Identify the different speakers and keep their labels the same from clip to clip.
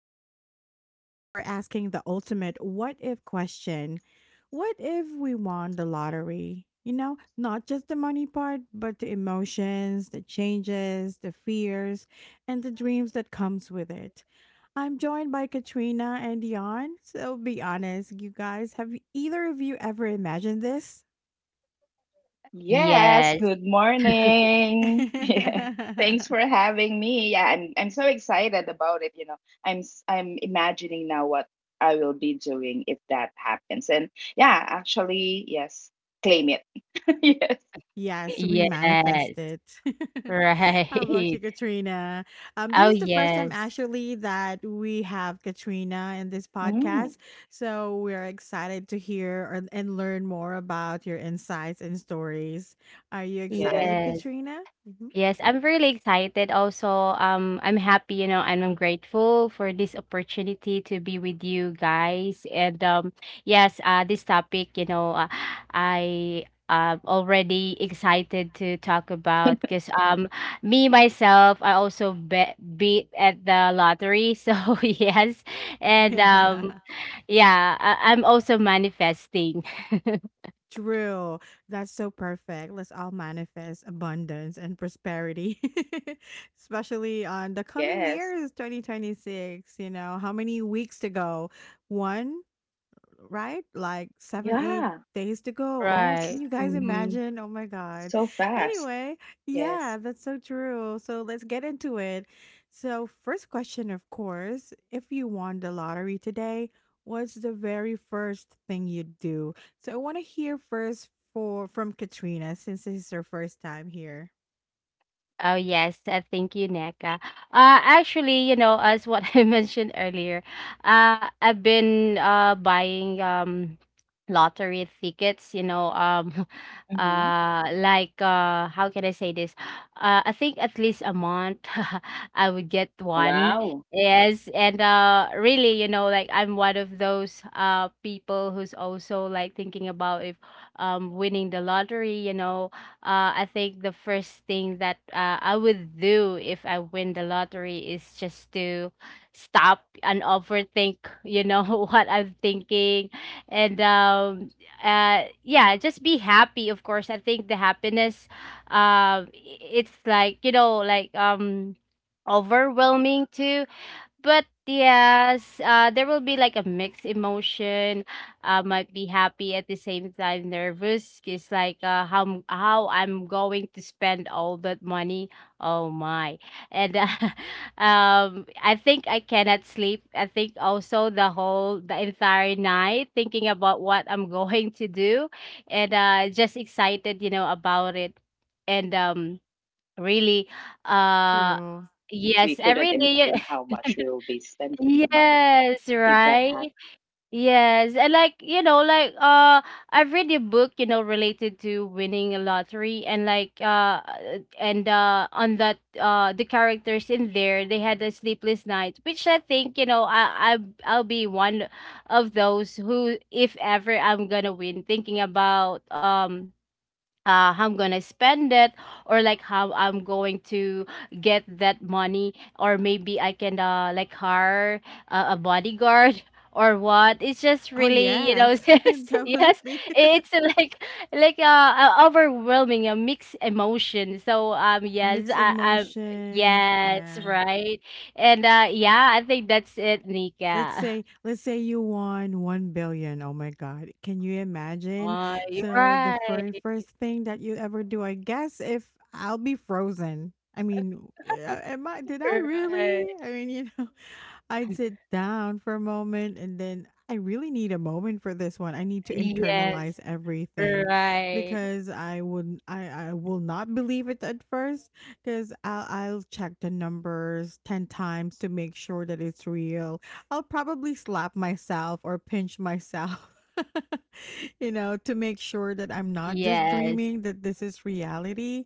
Speaker 1: Nika, and today we're asking the ultimate what if question. What if we won the lottery? You know, not just the money part, but the emotions, the changes, the fears, and the dreams that comes with it. I'm joined by Katrina and Dion. So be honest, you guys, have either of you ever imagined this?
Speaker 2: Yes,
Speaker 3: Yes,
Speaker 2: good morning. Yes. Thanks for having me. Yeah, I'm so excited about it. I'm imagining now what I will be doing if that happens. And yeah, actually, yes, claim it. Yes.
Speaker 1: Yes, we manifest
Speaker 3: yes,
Speaker 1: it. How
Speaker 3: right.
Speaker 1: about you, Katrina? This
Speaker 3: Oh,
Speaker 1: is the first time
Speaker 3: yes,
Speaker 1: actually that we have Katrina in this podcast.
Speaker 2: Mm,
Speaker 1: So we're excited to hear and learn more about your insights and stories. Are you excited,
Speaker 2: yes.
Speaker 3: yes,
Speaker 1: Katrina? Hmm.
Speaker 3: yes. I'm really excited. Also, I'm happy, and I'm grateful for this opportunity to be with you guys. And yes, this topic, I already excited to talk about because me myself, I also bet beat at the lottery. So yes, and
Speaker 1: Yeah.
Speaker 3: um. Yeah, I'm also manifesting.
Speaker 1: True. That's so perfect. Let's all manifest abundance and prosperity, especially on the coming
Speaker 2: Yes.
Speaker 1: years, 2026. You know, how many weeks to go? One, right? Like 7, eight
Speaker 2: Yeah.
Speaker 1: days to go. Oh, can
Speaker 2: Yes.
Speaker 3: Right.
Speaker 1: you guys
Speaker 3: hmm
Speaker 1: imagine? Oh my God.
Speaker 2: So fast.
Speaker 1: Anyway, yeah,
Speaker 2: Yes.
Speaker 1: that's so true. So let's get into it. So, first question, of course, if you won the lottery today, what's the very first thing you'd do? So, I want to hear first for from Katrina since this is her first time here.
Speaker 3: Oh yes, thank you, Neka. Actually, as what I mentioned earlier, I've been buying lottery tickets.
Speaker 2: Mm-hmm.
Speaker 3: How can I say this? I think at least a month, I would get one.
Speaker 2: Wow.
Speaker 3: Yes, and really, like I'm one of those people who's also like thinking about if winning the lottery. I think the first thing that I would do if I win the lottery is just to stop and overthink, what I'm thinking. And yeah, just be happy, of course. I think the happiness, um, it's like, overwhelming too, but yes, there will be like a mixed emotion. I might be happy at the same time nervous. It's like how I'm going to spend all that money. Oh my! And I think I cannot sleep. I think also the
Speaker 2: Yes.
Speaker 3: entire
Speaker 2: Yeah,
Speaker 3: night
Speaker 2: that
Speaker 3: thinking
Speaker 2: that
Speaker 3: about
Speaker 2: is
Speaker 3: what
Speaker 2: really
Speaker 3: I'm
Speaker 2: good,
Speaker 3: going
Speaker 2: right?
Speaker 3: to
Speaker 2: I
Speaker 3: do,
Speaker 2: mean, we
Speaker 3: and
Speaker 2: couldn't imagine
Speaker 3: just
Speaker 2: how much we
Speaker 3: excited,
Speaker 2: will be
Speaker 3: about
Speaker 2: spending
Speaker 3: it.
Speaker 2: the money
Speaker 3: And
Speaker 2: if that
Speaker 3: really,
Speaker 2: happens.
Speaker 3: uh,
Speaker 1: True.
Speaker 3: yes, I really. Yes, right? Yes. And like, I've read a book, related to winning a lottery, and on that the characters in there, they had a sleepless night, which I think, I'll be one of those who if ever I'm gonna win, thinking about how I'm gonna spend it, or like how I'm going to get that money, or maybe I can like hire a bodyguard or what, it's just
Speaker 1: Oh,
Speaker 3: really you know
Speaker 1: yes,
Speaker 3: yes yes
Speaker 1: definitely.
Speaker 3: it's like like uh, a overwhelming a mixed emotion, so yes,
Speaker 1: Mixed
Speaker 3: I
Speaker 1: emotion.
Speaker 3: yes
Speaker 1: Yeah.
Speaker 3: right and yeah, I think that's it,
Speaker 1: Let's
Speaker 3: Nika.
Speaker 1: say let's say you won 1 billion. Oh my God. Can you imagine?
Speaker 3: Oh, you're
Speaker 1: So the very
Speaker 3: right.
Speaker 1: first thing that you ever do, I guess if I'll be frozen. I mean, yeah, am I did I really?
Speaker 3: Right.
Speaker 1: I mean, you know, I'd sit down for a moment and then I really need a moment for this one. I need to
Speaker 3: Yes,
Speaker 1: internalize everything
Speaker 3: right.
Speaker 1: because I will not believe it at first because I'll check the numbers 10 times to make sure that it's real. I'll probably slap myself or pinch myself, you know, to make sure that I'm not
Speaker 3: Yes.
Speaker 1: just dreaming, that this is reality.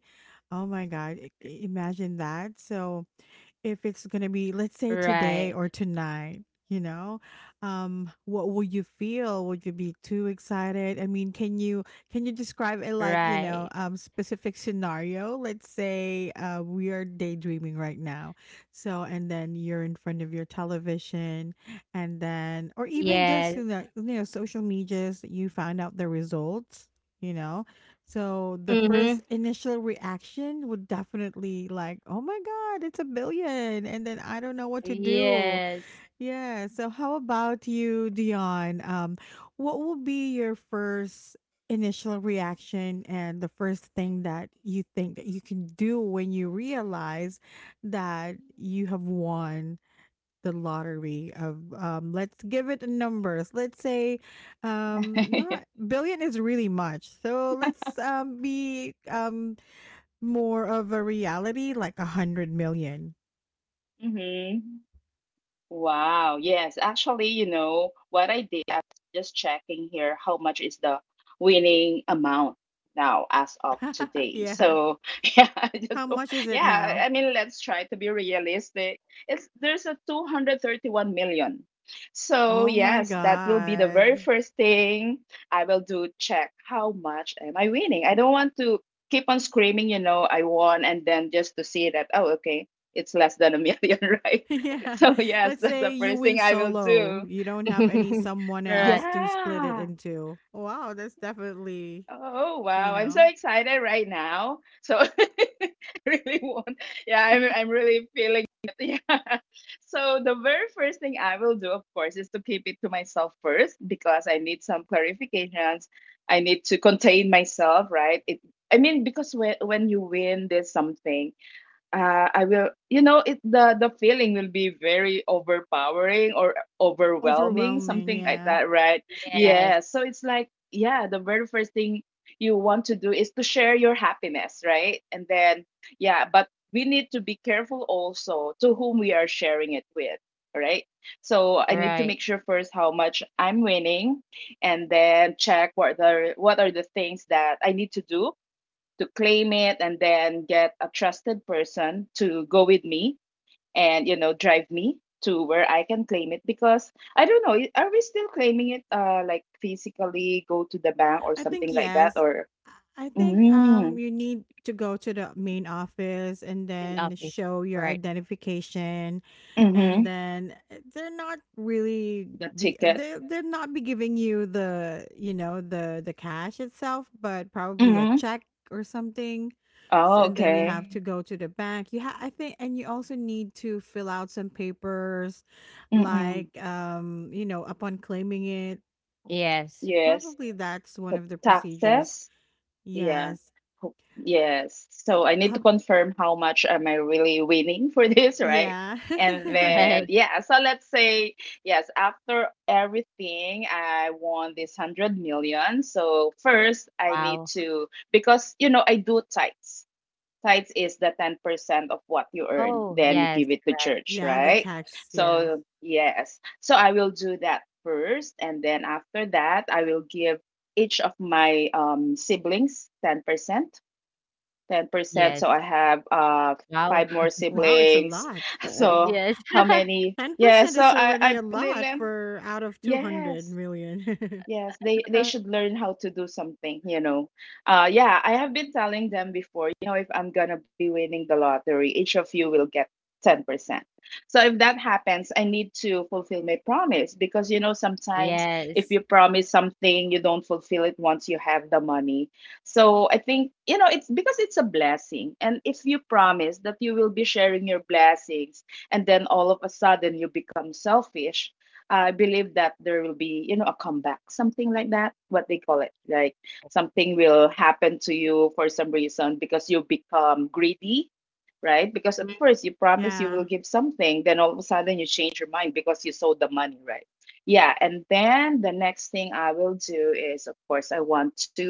Speaker 1: Oh my God, imagine that. So, if it's going to be, let's
Speaker 3: Right.
Speaker 1: say, today or tonight, you know what will you feel? Would you be too excited? I mean, can you describe it,
Speaker 3: Right.
Speaker 1: like, specific scenario. Let's say we are daydreaming right now. So, and then you're in front of your television, and
Speaker 3: Yes.
Speaker 1: then, or even just in the, social medias, you find out the results, you know
Speaker 3: Mm-hmm.
Speaker 1: so the first initial reaction would definitely like, "Oh my God, it's a billion. And then I don't know what to do."
Speaker 3: Yes.
Speaker 1: Yeah. So how about you, Dion? What will be your first initial reaction and the first thing that you think that you can do when you realize that you have won the lottery of let's give it numbers. Let's say not billion is really much. So let's be more of a reality, like a 100 million.
Speaker 2: Mhm. Wow. Yes. Actually, you know, what I did, I was just checking here how much is the winning amount now as of today.
Speaker 1: Yeah.
Speaker 2: So, yeah, I
Speaker 1: How
Speaker 2: just
Speaker 1: much is it
Speaker 2: yeah,
Speaker 1: now?
Speaker 2: I mean, let's try to be realistic. It's There's a 231 million.
Speaker 1: Oh
Speaker 2: So,
Speaker 1: my
Speaker 2: that will be the very
Speaker 1: God.
Speaker 2: first thing I will do, check how much am I winning. I don't want to keep on screaming, you know, I won and then just to see that, oh, okay, it's less than a million, right?
Speaker 1: Yeah.
Speaker 2: So
Speaker 1: Let's
Speaker 2: yes,
Speaker 1: say
Speaker 2: first
Speaker 1: you
Speaker 2: thing
Speaker 1: win
Speaker 2: I will do.
Speaker 1: solo, you don't have any
Speaker 3: Right.
Speaker 1: someone else to split it
Speaker 2: Yeah.
Speaker 1: into. Wow, that's definitely,
Speaker 2: Oh
Speaker 1: you
Speaker 2: wow, I'm so
Speaker 1: know,
Speaker 2: excited right now. So I really want. Yeah, I'm really feeling it. Yeah. So the very first thing I will do, of course, is to keep it to myself first because I need some clarifications. I need to contain myself, right? It I mean because when you win this something, I will, you know, it the feeling will be very overpowering or overwhelming,
Speaker 1: overwhelming,
Speaker 2: something like
Speaker 1: yeah.
Speaker 2: that, right?
Speaker 3: Yes.
Speaker 2: Yeah. So it's like, yeah, the very first thing you want to do is to share your happiness, right? And then, yeah, but we need to be careful also to whom we are sharing it with, right? So I need to
Speaker 3: Right.
Speaker 2: make sure first how much I'm winning, and then check what are the things that I need to do to claim it and then get a trusted person to go with me and you know drive me to where I can claim it because I don't know are we still claiming it like physically go to the bank or
Speaker 1: I think
Speaker 2: something like that
Speaker 1: yes.
Speaker 2: or
Speaker 1: I think
Speaker 2: mm-hmm,
Speaker 1: you need to go to the main office and
Speaker 3: The
Speaker 1: then
Speaker 3: office.
Speaker 1: show your
Speaker 3: Right.
Speaker 1: identification, and
Speaker 2: mm-hmm,
Speaker 1: They're not really
Speaker 2: the
Speaker 1: be,
Speaker 2: ticket
Speaker 1: they're not be giving you the, you know, the cash itself, but probably a
Speaker 2: mm-hmm.
Speaker 1: check or something, s
Speaker 2: Oh
Speaker 1: and then you
Speaker 2: okay.
Speaker 1: have to go to the bank. You have I think, and you also need to fill out some papers,
Speaker 2: Mm-hmm.
Speaker 1: like, you know, upon claiming it.
Speaker 3: Yes.
Speaker 2: Yes,
Speaker 1: Probably that's one
Speaker 2: the
Speaker 1: of the procedures.
Speaker 2: taxes. Yeah.
Speaker 1: Yes.
Speaker 2: Yes. So I need to
Speaker 1: Um,
Speaker 2: confirm how much am I really winning for this, right?
Speaker 1: yeah.
Speaker 2: And then,
Speaker 3: Right.
Speaker 2: yeah, so let's say, yes, after everything, I won this 100 million. So first, I need
Speaker 3: Wow.
Speaker 2: to, because, you know, I do tights tithes is the 10% of what you earn
Speaker 3: Oh,
Speaker 2: then you
Speaker 3: yes.
Speaker 2: give it to
Speaker 3: Right.
Speaker 2: church,
Speaker 1: Yeah, the
Speaker 2: right?
Speaker 1: tax, yes.
Speaker 2: So yes, so I will do that first and then after that I will give each of my siblings 10%, 10%. So
Speaker 3: Yes.
Speaker 2: I have
Speaker 3: Wow.
Speaker 2: five more
Speaker 1: Wow, it's a
Speaker 2: siblings.
Speaker 1: lot.
Speaker 2: So
Speaker 3: Yes.
Speaker 2: how many, yeah,
Speaker 1: 10%
Speaker 2: so
Speaker 1: is
Speaker 2: I
Speaker 1: already a lot
Speaker 2: believe
Speaker 1: for out of 200
Speaker 2: yes.
Speaker 1: million.
Speaker 2: Yes, they should learn how to do something, you know. Yeah, I have been telling them before, you know, if I'm gonna be winning the lottery, each of you will get 10%. So if that happens, I need to fulfill my promise because you know sometimes if you
Speaker 3: Yes.
Speaker 2: promise something, you don't fulfill it once you have the money. So I think, you know, it's because it's a blessing. And if you promise that you will be sharing your blessings and then all of a sudden you become selfish, I believe that there will be, you know, a comeback, something like that, what they call it. Like something will happen to you for some reason because you become greedy, right? Because at
Speaker 3: Mm.
Speaker 2: first you promise you
Speaker 1: Yeah,
Speaker 2: will give something, then all of a sudden you change your mind because you sold the money, right? Yeah. And then the next thing I will do is, of course, I want to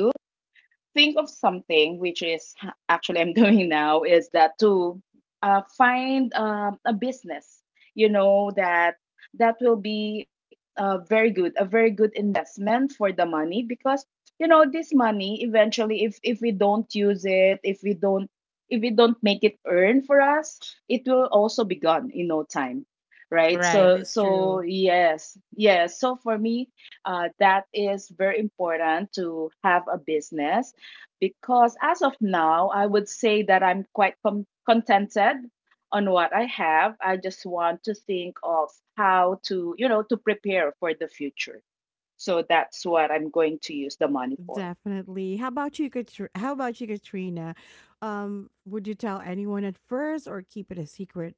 Speaker 2: think of something which is actually I'm doing now is that to find a business, you know, that that will be very good, a very good investment for the money because you know this money eventually, if we don't use it, if we don't make it earn for us, it will also be gone in no time, right?
Speaker 3: Right.
Speaker 1: that
Speaker 2: So
Speaker 1: is
Speaker 2: so
Speaker 1: true.
Speaker 2: yes, yes. So for me, that is very important to have a business because as of now, I would say that I'm quite contented on what I have. I just want to think of how to, you know, to prepare for the future. So that's what I'm going to use the money for.
Speaker 1: Definitely. How about you, How about you, Katrina? Would you tell anyone at first or keep it a secret?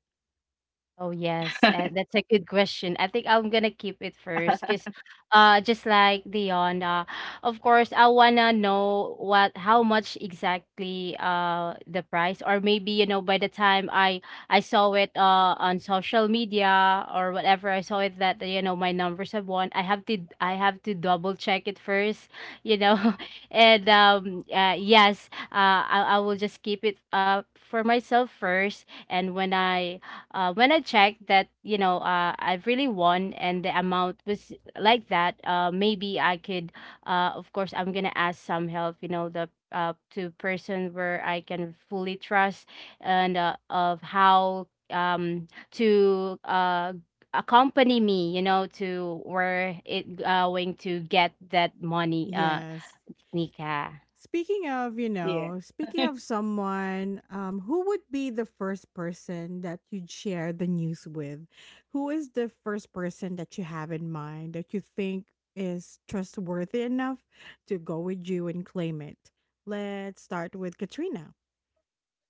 Speaker 3: Oh, yes. That's a good question. I think I'm gonna keep it first because just like Dion, of course I wanna know what how much exactly the price, or maybe you know by the time I saw it on social media or whatever, I saw it that you know my numbers have won. I have to double check it first, you know. And yes, I will just keep it for myself first, and when I checked that, I've really won and the amount was like that, maybe I could, of course, I'm gonna ask some help, you know, the to person where I can fully trust, and of how to accompany me, you know, to where it going to get that money,
Speaker 1: Yes.
Speaker 3: Nika.
Speaker 1: Speaking of, you
Speaker 2: Yeah.
Speaker 1: know, speaking of someone, who would be the first person that you'd share the news with? Who is the first person that you have in mind that you think is trustworthy enough to go with you and claim it? Let's start with Katrina.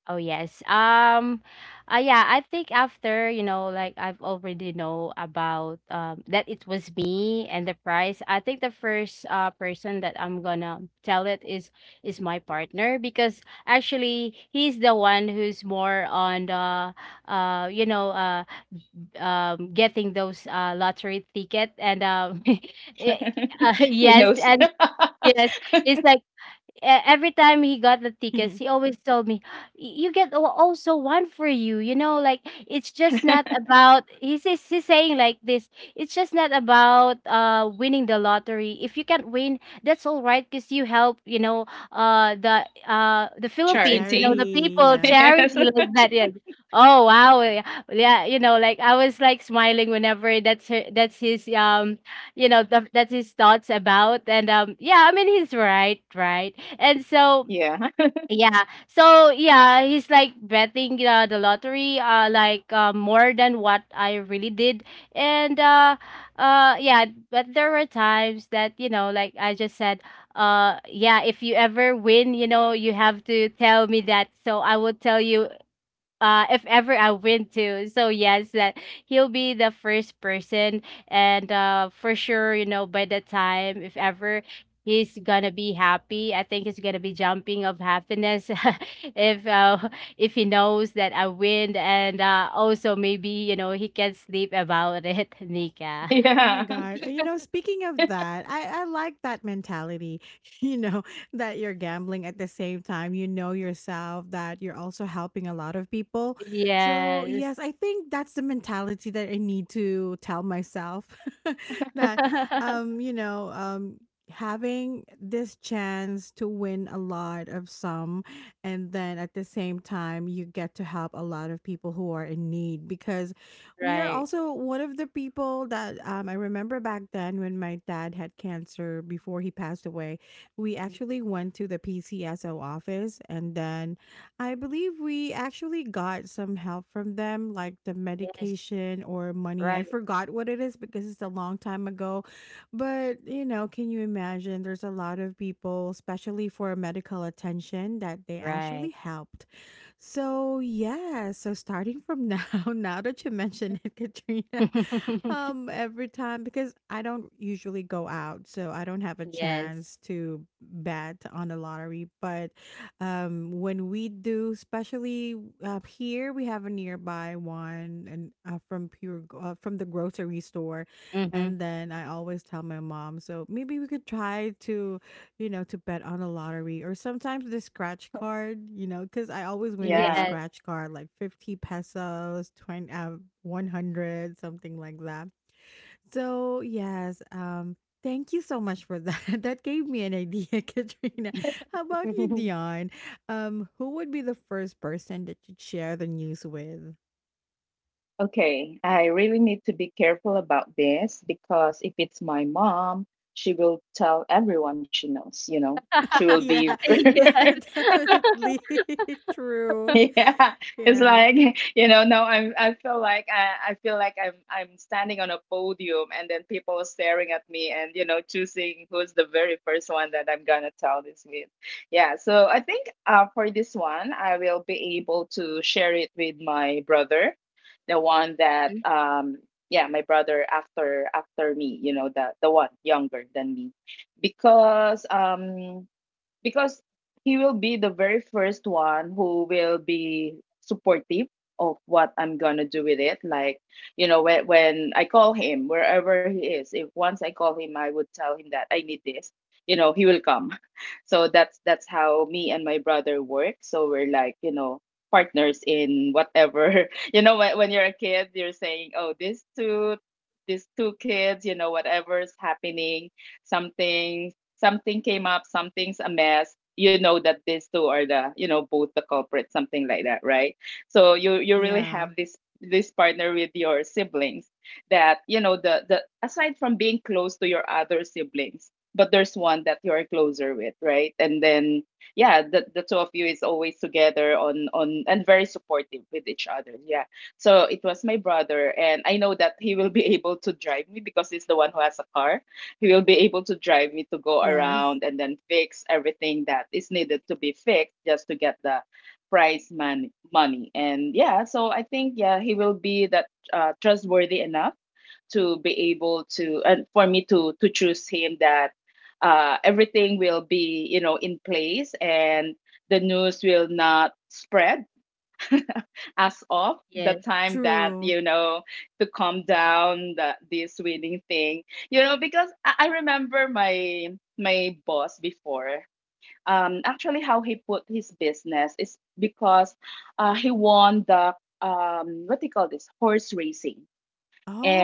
Speaker 3: Oh yes. Yeah, I think after, like I've already know about that it was me and the price. I think the first person that I'm gonna tell it is my partner, because actually he's the one who's more on the uh you know uh getting those lottery ticket, and eh,
Speaker 2: He
Speaker 3: yes,
Speaker 2: knows.
Speaker 3: and yes it's like every time he got the tickets,
Speaker 1: The
Speaker 3: he always told me, "You get also one for you." You know, like it's just not about. He says, he's saying like this. It's just not about winning the lottery. If you can't win, that's all right, because you help. You know, the Philippines. You know,
Speaker 2: Charity.
Speaker 3: the
Speaker 1: charity.
Speaker 3: people,
Speaker 1: Yeah.
Speaker 3: charity
Speaker 2: Yes.
Speaker 3: like that. Yeah. Oh wow, yeah, yeah, you know, like I was like smiling whenever that's his that his thoughts about, and yeah, I mean he's right, right, and so
Speaker 2: Yeah.
Speaker 3: yeah, so yeah, he's like betting the lottery more than what I really did, and yeah, but there were times that you know like I just said, yeah, if you ever win you know you have to tell me that, so I will tell you if ever I win too. So yes, that he'll be the first person, and for sure, you know, by the time if ever, he's gonna be happy, I think he's gonna be jumping of happiness. If if he knows that I win, and also maybe you know he can sleep about it, Nika.
Speaker 1: Oh my
Speaker 2: Yeah.
Speaker 1: God. You know, speaking of that, I like that mentality, you know, that you're gambling at the same time. You know yourself that you're also helping a lot of people. So,
Speaker 3: Yes,
Speaker 1: yes, I think that's the mentality that I need to tell myself that, you know, having this chance to win a lot of some, and then at the same time you get to help a lot of people who are in need, because we are
Speaker 3: right.
Speaker 1: also one of the people that, I remember back then when my dad had cancer before he passed away. We actually went to the PCSO office, and then I believe we actually got some help from them, like the
Speaker 3: Yes,
Speaker 1: medication or money. I
Speaker 3: right,
Speaker 1: forgot what it is because it's a long time ago. But, you know, can you imagine? There's a lot of people, especially for medical attention, that they
Speaker 3: right.
Speaker 1: actually helped. So yeah, so starting from now, now that you mention it, Katrina, every time, because I don't usually go out, so I don't have a
Speaker 3: Yes.
Speaker 1: chance to bet on the lottery. But when we do, especially up here, we have a nearby one, and from the grocery store,
Speaker 3: Mm-hmm.
Speaker 1: and then I always tell my mom, so maybe we could try to, you know, to bet on a lottery or sometimes the scratch card, you know, because I always win in the
Speaker 2: Yeah.
Speaker 3: Yes.
Speaker 1: scratch card, like 50 pesos, 20, 100, something like that. So, yes, thank you so much for that. That gave me an idea, Katrina. How about you, Dion? Who would be the first person that you'd share the news with?
Speaker 2: Okay, I really need to be careful about this because if it's my mom, she will tell everyone she knows, you know. She will be
Speaker 1: Yeah,
Speaker 2: very
Speaker 1: yeah,
Speaker 3: Yes.
Speaker 1: definitely. True.
Speaker 2: yeah, it's
Speaker 1: Yeah,
Speaker 2: like you know. Now I'm. I feel like I feel like I'm standing on a podium, and then people are staring at me, and you know, choosing who's the very first one that I'm gonna tell this with. Yeah. So I think for this one, I will be able to share it with my brother, the one that
Speaker 3: Mhm.
Speaker 2: yeah, my brother after me. You know, the one younger than me, because um because he will be the very first one who will be supportive of what I'm gonna do with it. Like, you know, when I call him, wherever he is, if once I call him, I would tell him that I need this. You know, he will come. So that's how me and my brother work. So we're like, you know, partners in whatever. You know, when you're a kid, you're saying, oh, these two kids, you know, whatever's happening, something something came up, something's a mess, you know that these two are the, you know, both the culprits, something like that, right? So you really have
Speaker 1: yeah,
Speaker 2: this this partner with your siblings that, you know, the aside from being close to your other siblings, but there's one that you're closer with, right? And then yeah, the two of you is always together on and very supportive with each other. Yeah. So it was my brother, and I know that he will be able to drive me because he's the one who has a car. He will be able to drive me to go
Speaker 1: yes,
Speaker 2: around and then fix everything that is needed to be fixed just to get the money. And yeah, so I think, yeah, he will be that trustworthy enough to be able to, and for me to choose him that everything will be, you know, in place and the news will not spread as of the
Speaker 3: Yes.
Speaker 2: time that
Speaker 1: true.
Speaker 2: you know to calm down the, this winning thing you know because I remember my my boss before actually how he put his business is because he won the what do you call this horse racing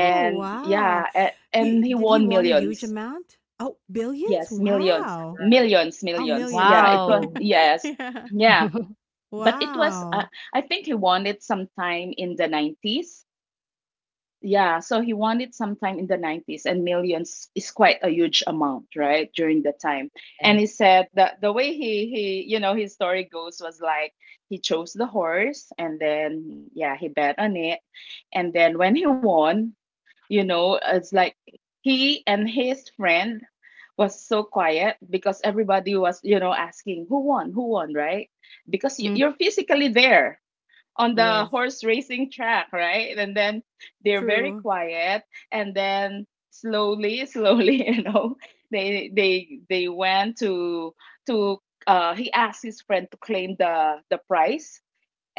Speaker 3: Yes.
Speaker 1: wow.
Speaker 2: yeah and he
Speaker 1: He
Speaker 2: won
Speaker 1: want a huge
Speaker 2: millions
Speaker 1: amount? Oh, billions?
Speaker 2: yes millions
Speaker 1: Wow.
Speaker 3: Right.
Speaker 2: millions
Speaker 1: Oh,
Speaker 2: millions
Speaker 1: millions,
Speaker 2: yeah
Speaker 1: sorry.
Speaker 2: it was
Speaker 3: Wow.
Speaker 2: yes
Speaker 1: Yeah.
Speaker 2: yeah but it was,
Speaker 1: Wow.
Speaker 2: I think he won it sometime in the 90s. Yeah, so he won it sometime in the 90s, and millions is quite a huge amount, right? During the time.
Speaker 3: Yes.
Speaker 2: And he said that the way he you know, his story goes was like he chose the horse and then, yeah, he bet on it. And then when he won, you know, it's like he and his friend was so quiet because everybody was, you know, asking who won, right? Because
Speaker 3: Mhm.
Speaker 2: you're physically there on the
Speaker 3: Yes.
Speaker 2: horse racing track, right? And then they're very
Speaker 1: True.
Speaker 2: quiet and then slowly, slowly, you know, they went to to he asked his friend to claim the prize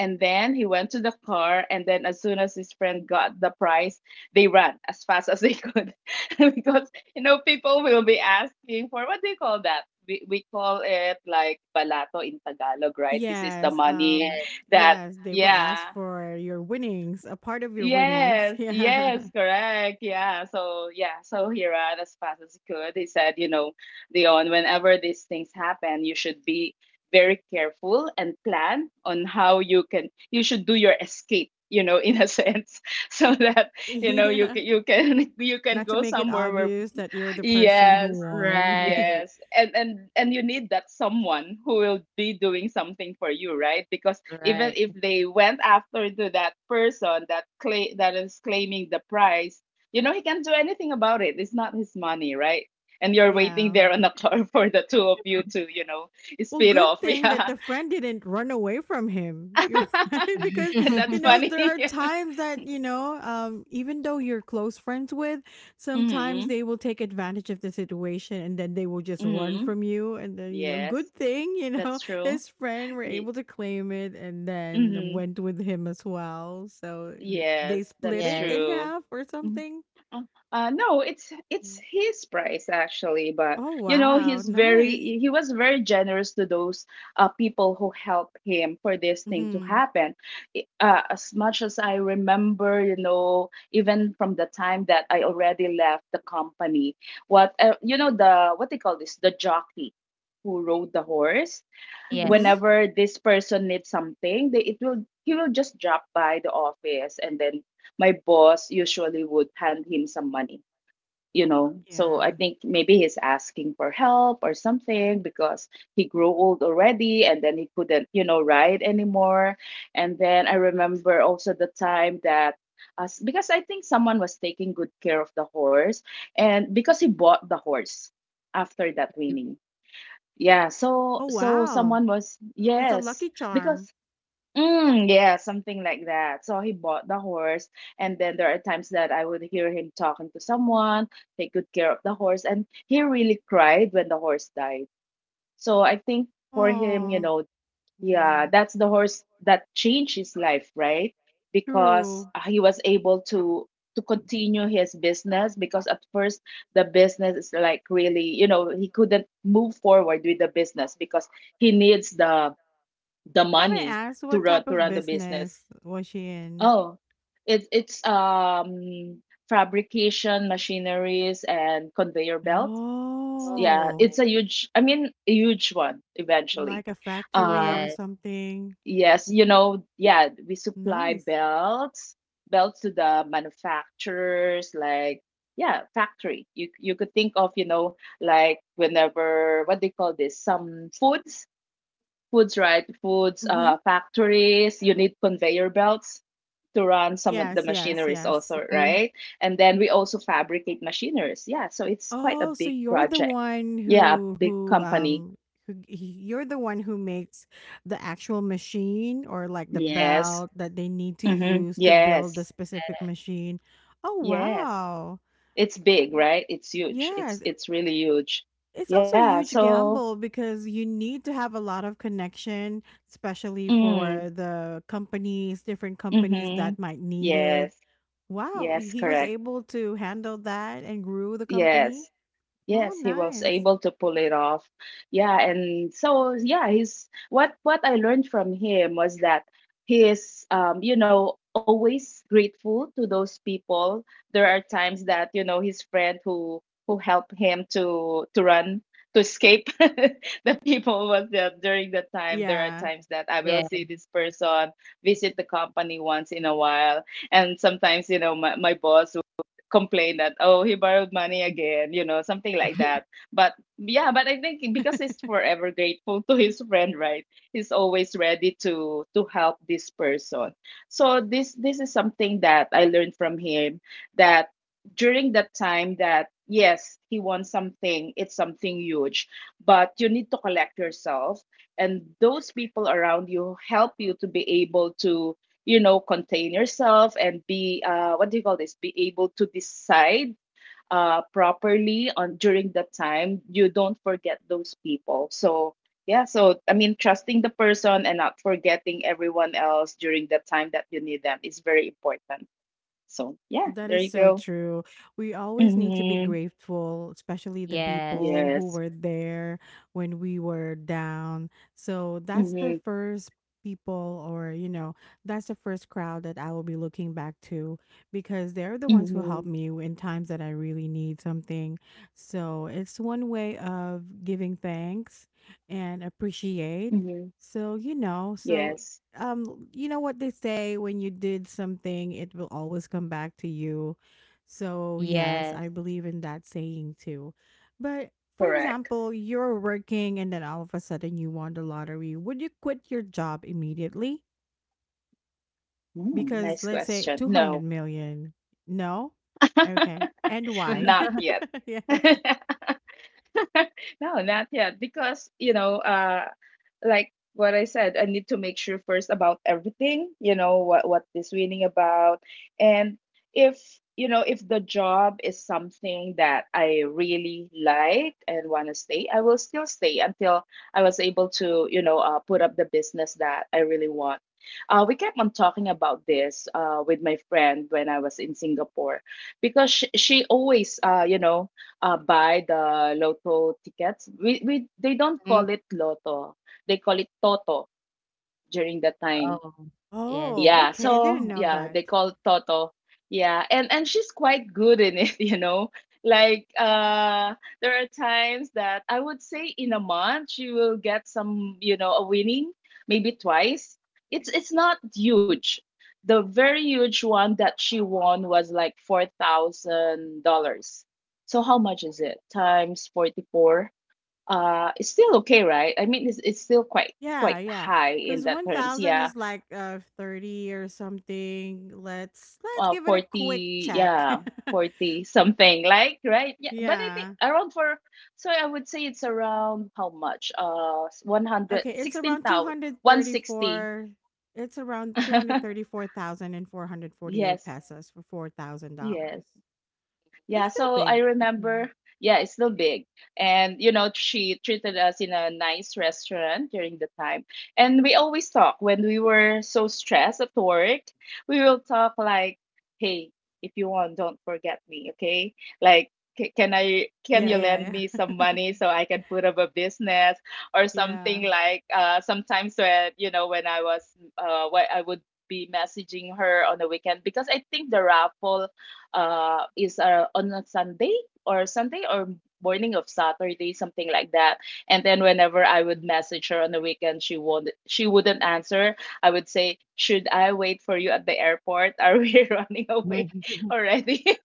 Speaker 2: and then he went to the car, and then as soon as his friend got the prize, they ran as fast as they could because you know people will be asking for what do you call that? We call it like balato in Tagalog, right? This is the
Speaker 1: Yes.
Speaker 2: money
Speaker 1: Um,
Speaker 2: that
Speaker 1: yes, they will ask
Speaker 2: yeah.
Speaker 1: for your winnings, a part of your winnings.
Speaker 2: Yes,
Speaker 1: Yeah.
Speaker 2: yes, correct. Yeah. So yeah, so he ran as fast as he could. He said, you know, Dion, whenever these things happen, you should be very careful and plan on how you can you should do your escape, you know, in a sense, so that you know
Speaker 1: Yeah.
Speaker 2: you can you can
Speaker 1: Not to
Speaker 2: go
Speaker 1: make it
Speaker 2: somewhere where
Speaker 1: obvious that you're the person who
Speaker 2: Yes.
Speaker 1: won.
Speaker 3: Right.
Speaker 2: Yes. And you need that someone who will be doing something for you, right? Because even
Speaker 3: Right.
Speaker 2: if they went after to that person that is claiming the prize, you know, he can't do anything about it. It's not his money, right? And you're waiting
Speaker 1: Yeah.
Speaker 2: there on the car for the two of you to, you know,
Speaker 1: Well,
Speaker 2: speed
Speaker 1: good
Speaker 2: off.
Speaker 1: thing that
Speaker 2: Yeah.
Speaker 1: the friend didn't run away from him. You're right, because
Speaker 2: And that's
Speaker 1: you know there
Speaker 2: funny.
Speaker 1: are times that, you know, even though you're close friends with,
Speaker 2: Mm-hmm.
Speaker 1: sometimes they will take advantage of the situation, and then they will just run
Speaker 2: Mm-hmm.
Speaker 1: from you. And then, good
Speaker 2: Yes,
Speaker 1: thing,
Speaker 2: that's true.
Speaker 1: his friend were able to claim it and then
Speaker 2: Hmm.
Speaker 1: went with him as well. So they
Speaker 2: Yes,
Speaker 1: split
Speaker 2: that's
Speaker 1: it
Speaker 3: Yes.
Speaker 1: in
Speaker 2: true.
Speaker 1: half or
Speaker 2: Mhm.
Speaker 1: something.
Speaker 2: Uh, no, it's
Speaker 1: Mm.
Speaker 2: his price actually, but
Speaker 1: Oh
Speaker 2: you know
Speaker 1: wow, nice.
Speaker 2: he was very generous to those people who helped him for this thing to
Speaker 1: Hmm.
Speaker 2: happen. As much as I remember, you know, even from the time that I already left the company, what you know the what they call this the jockey who rode the horse
Speaker 1: Hmm.
Speaker 3: Yes. Mhm.
Speaker 2: whenever this person needs something, they it will he will just drop by the office, and then my boss usually would hand him some money, you know. So I
Speaker 1: Yeah.
Speaker 2: think maybe he's asking for help or something because he grew old already and then he couldn't, you know, ride anymore. And then I remember also the time that us, because I think someone was taking good care of the horse, and because he bought the horse after that winning, yeah, so
Speaker 1: Oh
Speaker 2: so
Speaker 1: wow.
Speaker 2: someone was,
Speaker 1: It's a
Speaker 2: yes,
Speaker 1: lucky charm.
Speaker 2: because mm, yeah, something like that. So he bought the horse, and then there are times that I would hear him talking to someone, take good care of the horse, and he really cried when the horse died. So I think for him, you
Speaker 1: Oh,
Speaker 2: know, yeah,
Speaker 1: yeah,
Speaker 2: that's the horse that changed his life, right? Because
Speaker 1: true.
Speaker 2: he was able to continue his business, because at first the business is like really, you know, he couldn't move forward with the business because he needs the
Speaker 1: If I may
Speaker 2: money
Speaker 1: ask, what type
Speaker 2: to
Speaker 1: of
Speaker 2: run the
Speaker 1: business
Speaker 2: business.
Speaker 1: was she in?
Speaker 2: Oh, it's fabrication machineries and conveyor belts.
Speaker 3: Oh,
Speaker 2: Yeah,
Speaker 1: Oh,
Speaker 2: it's a huge, I mean, a huge one eventually.
Speaker 1: like a factory
Speaker 2: Uh,
Speaker 3: yes.
Speaker 1: or
Speaker 3: Mhm.
Speaker 1: something.
Speaker 2: Yes, you know, yeah, we supply
Speaker 1: Nice.
Speaker 2: belts, belts to the manufacturers, like yeah, factory. You could think of, you know, like whenever what they call this, some foods, foods, right? Foods,
Speaker 1: Mm-hmm.
Speaker 2: factories. You need conveyor belts to run some of the
Speaker 1: Yes, yes,
Speaker 2: machineries
Speaker 1: yes.
Speaker 2: also, right? And then we also fabricate machineries. Yeah, so it's quite a
Speaker 1: Oh, so
Speaker 2: big project. Yeah, big company.
Speaker 1: who g- you're the one who makes the actual machine or like the
Speaker 2: Yes.
Speaker 1: belt that they need to
Speaker 2: Mm-hmm.
Speaker 1: use to build the
Speaker 2: Yes.
Speaker 1: specific machine. Oh,
Speaker 2: Yes.
Speaker 1: wow.
Speaker 2: It's big, right? It's huge.
Speaker 1: Yes,
Speaker 2: It's really huge.
Speaker 1: it's also a
Speaker 2: Yeah,
Speaker 1: huge
Speaker 2: so
Speaker 1: gamble because you need to have a lot of connection, especially
Speaker 2: mm,
Speaker 1: for the companies, different companies
Speaker 2: mm-hmm.
Speaker 1: that might need
Speaker 2: Yes.
Speaker 1: it. Wow,
Speaker 2: Yes,
Speaker 1: he was
Speaker 2: correct.
Speaker 1: able to handle that and grew the company.
Speaker 2: Yes.
Speaker 1: Wow,
Speaker 2: Yes, he was
Speaker 1: nice.
Speaker 2: able to pull it off. Yeah, and so yeah, he's what I learned from him was that he is you know, always grateful to those people. There are times that, you know, his friend who helped him to escape the people, was that during the time there are
Speaker 1: Yeah.
Speaker 2: times that I will see this person visit the company once in a while, and sometimes you know my boss complain that, oh, he borrowed money again, you know, something like
Speaker 3: Yes.
Speaker 2: that. But yeah, but I think because he's forever grateful to his friend, right, he's always ready to help this person. So this is something that I learned from him, that during that time that yes, he wants something, it's something huge, but you need to collect yourself, and those people around you help you to be able to, you know, contain yourself and be what do you call this be able to decide properly on during that time. You don't forget those people. So yeah, so I mean, trusting the person and not forgetting everyone else during the time that you need them is very important. So yeah,
Speaker 1: That
Speaker 2: there
Speaker 1: is
Speaker 2: you
Speaker 1: so
Speaker 2: go.
Speaker 1: true. We always need to be
Speaker 2: Mm-hmm.
Speaker 1: grateful, especially the
Speaker 3: Yes.
Speaker 1: people who
Speaker 2: Yes.
Speaker 1: were there when we were down. So that's
Speaker 2: Mm-hmm.
Speaker 1: the first people, or, you know, that's the first crowd that I will be looking back to because they're the ones who helped
Speaker 2: Mm-hmm.
Speaker 1: me in times that I really need something. So it's one way of giving thanks and appreciate.
Speaker 2: Mm-hmm.
Speaker 1: So
Speaker 2: Yes,
Speaker 1: you know what they say: when you did something, it will always come back to you. So yes, I
Speaker 3: Yes.
Speaker 1: believe in that saying too. But, for
Speaker 2: correct.
Speaker 1: example, you're working and then all of a sudden you won the lottery. Would you quit your job immediately?
Speaker 2: Mm,
Speaker 1: Because
Speaker 2: nice
Speaker 1: let's say
Speaker 2: question.
Speaker 1: 200
Speaker 2: No.
Speaker 1: million. No? Okay, and why?
Speaker 2: Not yet.
Speaker 1: Yeah.
Speaker 2: No, not yet, because you know, like what I said, I need to make sure first about everything, you know, what this reading about. And if you know, if the job is something that I really like and want to stay, I will still stay until I was able to, you know, put up the business that I really want. We kept on talking about this with my friend when I was in Singapore, because she always, you know, buy the lotto tickets. We they don't
Speaker 3: Mhm.
Speaker 2: call it lotto, they call it Toto during that time.
Speaker 3: Oh, yes.
Speaker 1: Oh
Speaker 2: Yeah,
Speaker 1: okay, I didn't
Speaker 2: so
Speaker 1: know
Speaker 2: yeah,
Speaker 1: that.
Speaker 2: they call it Toto. Yeah, and she's quite good in it, you know. Like uh, there are times that I would say in a month she will get some, you know, a winning, maybe twice. It's not huge. The very huge one that she won was like $4,000. So how much is it? Times 44, it's still okay, right? I mean, it's still quite
Speaker 1: Yeah,
Speaker 2: quite
Speaker 1: yeah,
Speaker 2: high in
Speaker 1: because
Speaker 2: that terms.
Speaker 1: 1,000
Speaker 2: Yeah,
Speaker 1: is like, 30 or something. Let's give it a quick
Speaker 2: 40,
Speaker 1: check.
Speaker 2: yeah, 40 something, like right? Yeah, but I think
Speaker 1: Yeah.
Speaker 2: around for, so I would say it's around how much? One hundred
Speaker 1: Okay,
Speaker 2: sixteen
Speaker 1: it's
Speaker 2: thousand
Speaker 1: around
Speaker 2: one sixty.
Speaker 1: 234 it's around 234,448
Speaker 2: Yes,
Speaker 1: pesos for
Speaker 2: yes.
Speaker 1: $4,000. It's
Speaker 2: Yeah,
Speaker 1: still
Speaker 2: so I
Speaker 1: big. Yeah.
Speaker 2: remember, yeah, it's still big. And, you know, she treated us in a nice restaurant during the time. And we always talk when we were so stressed at work. We will talk like, hey, if you want, don't forget me, okay? Like, "Ca- can I, can
Speaker 1: Yeah,
Speaker 2: you lend
Speaker 1: yeah,
Speaker 2: me some money so I can put up a business or
Speaker 1: yeah. Yeah.
Speaker 2: something," like, sometimes when, you know, when I was, when I would be messaging her on the weekend, because I think the raffle is on a Sunday or Sunday or morning of Saturday, something like that. And then whenever I would message her on the weekend, she wouldn't answer. I would say, should I wait for you at the airport? Are we running away already?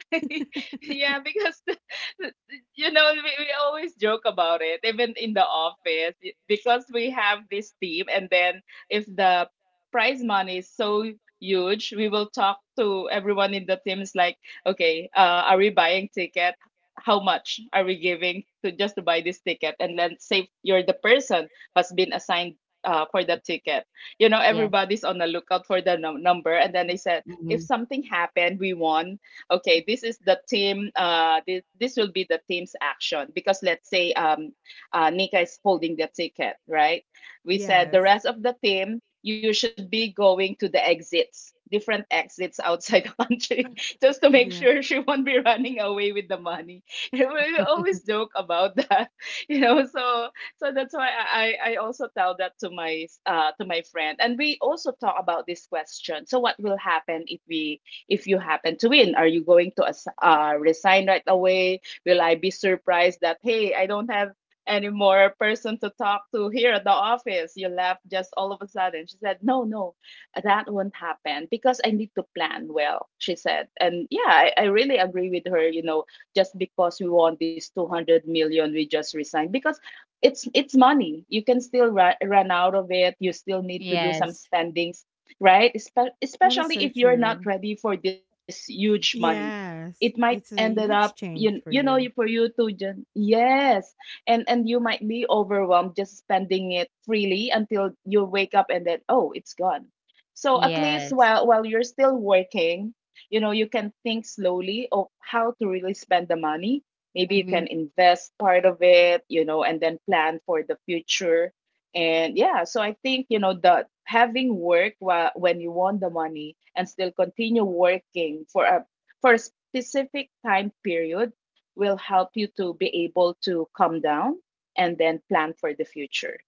Speaker 2: Yeah, because you know, we always joke about it, even in the office, y- because we have this team, and then if the prize money is so huge, we will talk to everyone in the team. It's like, okay, are we buying ticket? How much are we giving to just to buy this ticket? And then say you're the person who's been assigned for that ticket. You know,
Speaker 3: Yes.
Speaker 2: everybody's on the lookout for the number, and then they said if
Speaker 3: Mhm.
Speaker 2: something happened, we won, okay, this is the team, this will be the team's action because let's say Nika is holding the ticket, right, we said the
Speaker 1: Yes.
Speaker 2: rest of the team, you should be going to the exits, different exits outside the country, just to make
Speaker 1: Yeah.
Speaker 2: sure she won't be running away with the money. And we always joke about that. You know, so so that's why I also tell that to my friend, and we also talk about this question, so what will happen if we, if you happen to win? Are you going to resign right away? Will I be surprised that, hey, I don't have any more person to talk to here at the office? You left just all of a sudden. She said, no, no, that won't happen because I need to plan well, she said. And yeah, I really agree with her, you know, just because we want this 200 million, we just resign because it's money, you can still run out of it, you still need to do some
Speaker 3: Yes.
Speaker 2: spendings, right?
Speaker 1: That is
Speaker 2: Especially
Speaker 1: so
Speaker 2: if you're not
Speaker 1: true.
Speaker 2: ready for this huge money,
Speaker 1: Yes.
Speaker 2: it might
Speaker 1: It's a
Speaker 2: ended
Speaker 1: huge
Speaker 2: up
Speaker 1: change
Speaker 2: you
Speaker 1: for
Speaker 2: you know you
Speaker 1: you.
Speaker 2: for you to just yes, and you might be overwhelmed just spending it freely until you wake up and then gone. So at least
Speaker 3: Yes. Yes.
Speaker 2: while you're still working, you know you can think slowly of how to really spend the money. Maybe you can
Speaker 3: Mhm.
Speaker 2: invest part of it, you know, and then plan for the future. And yeah, so I think, you know, that having work while, when you want the money and still continue working for a specific time period will help you to be able to calm down and then plan for the future.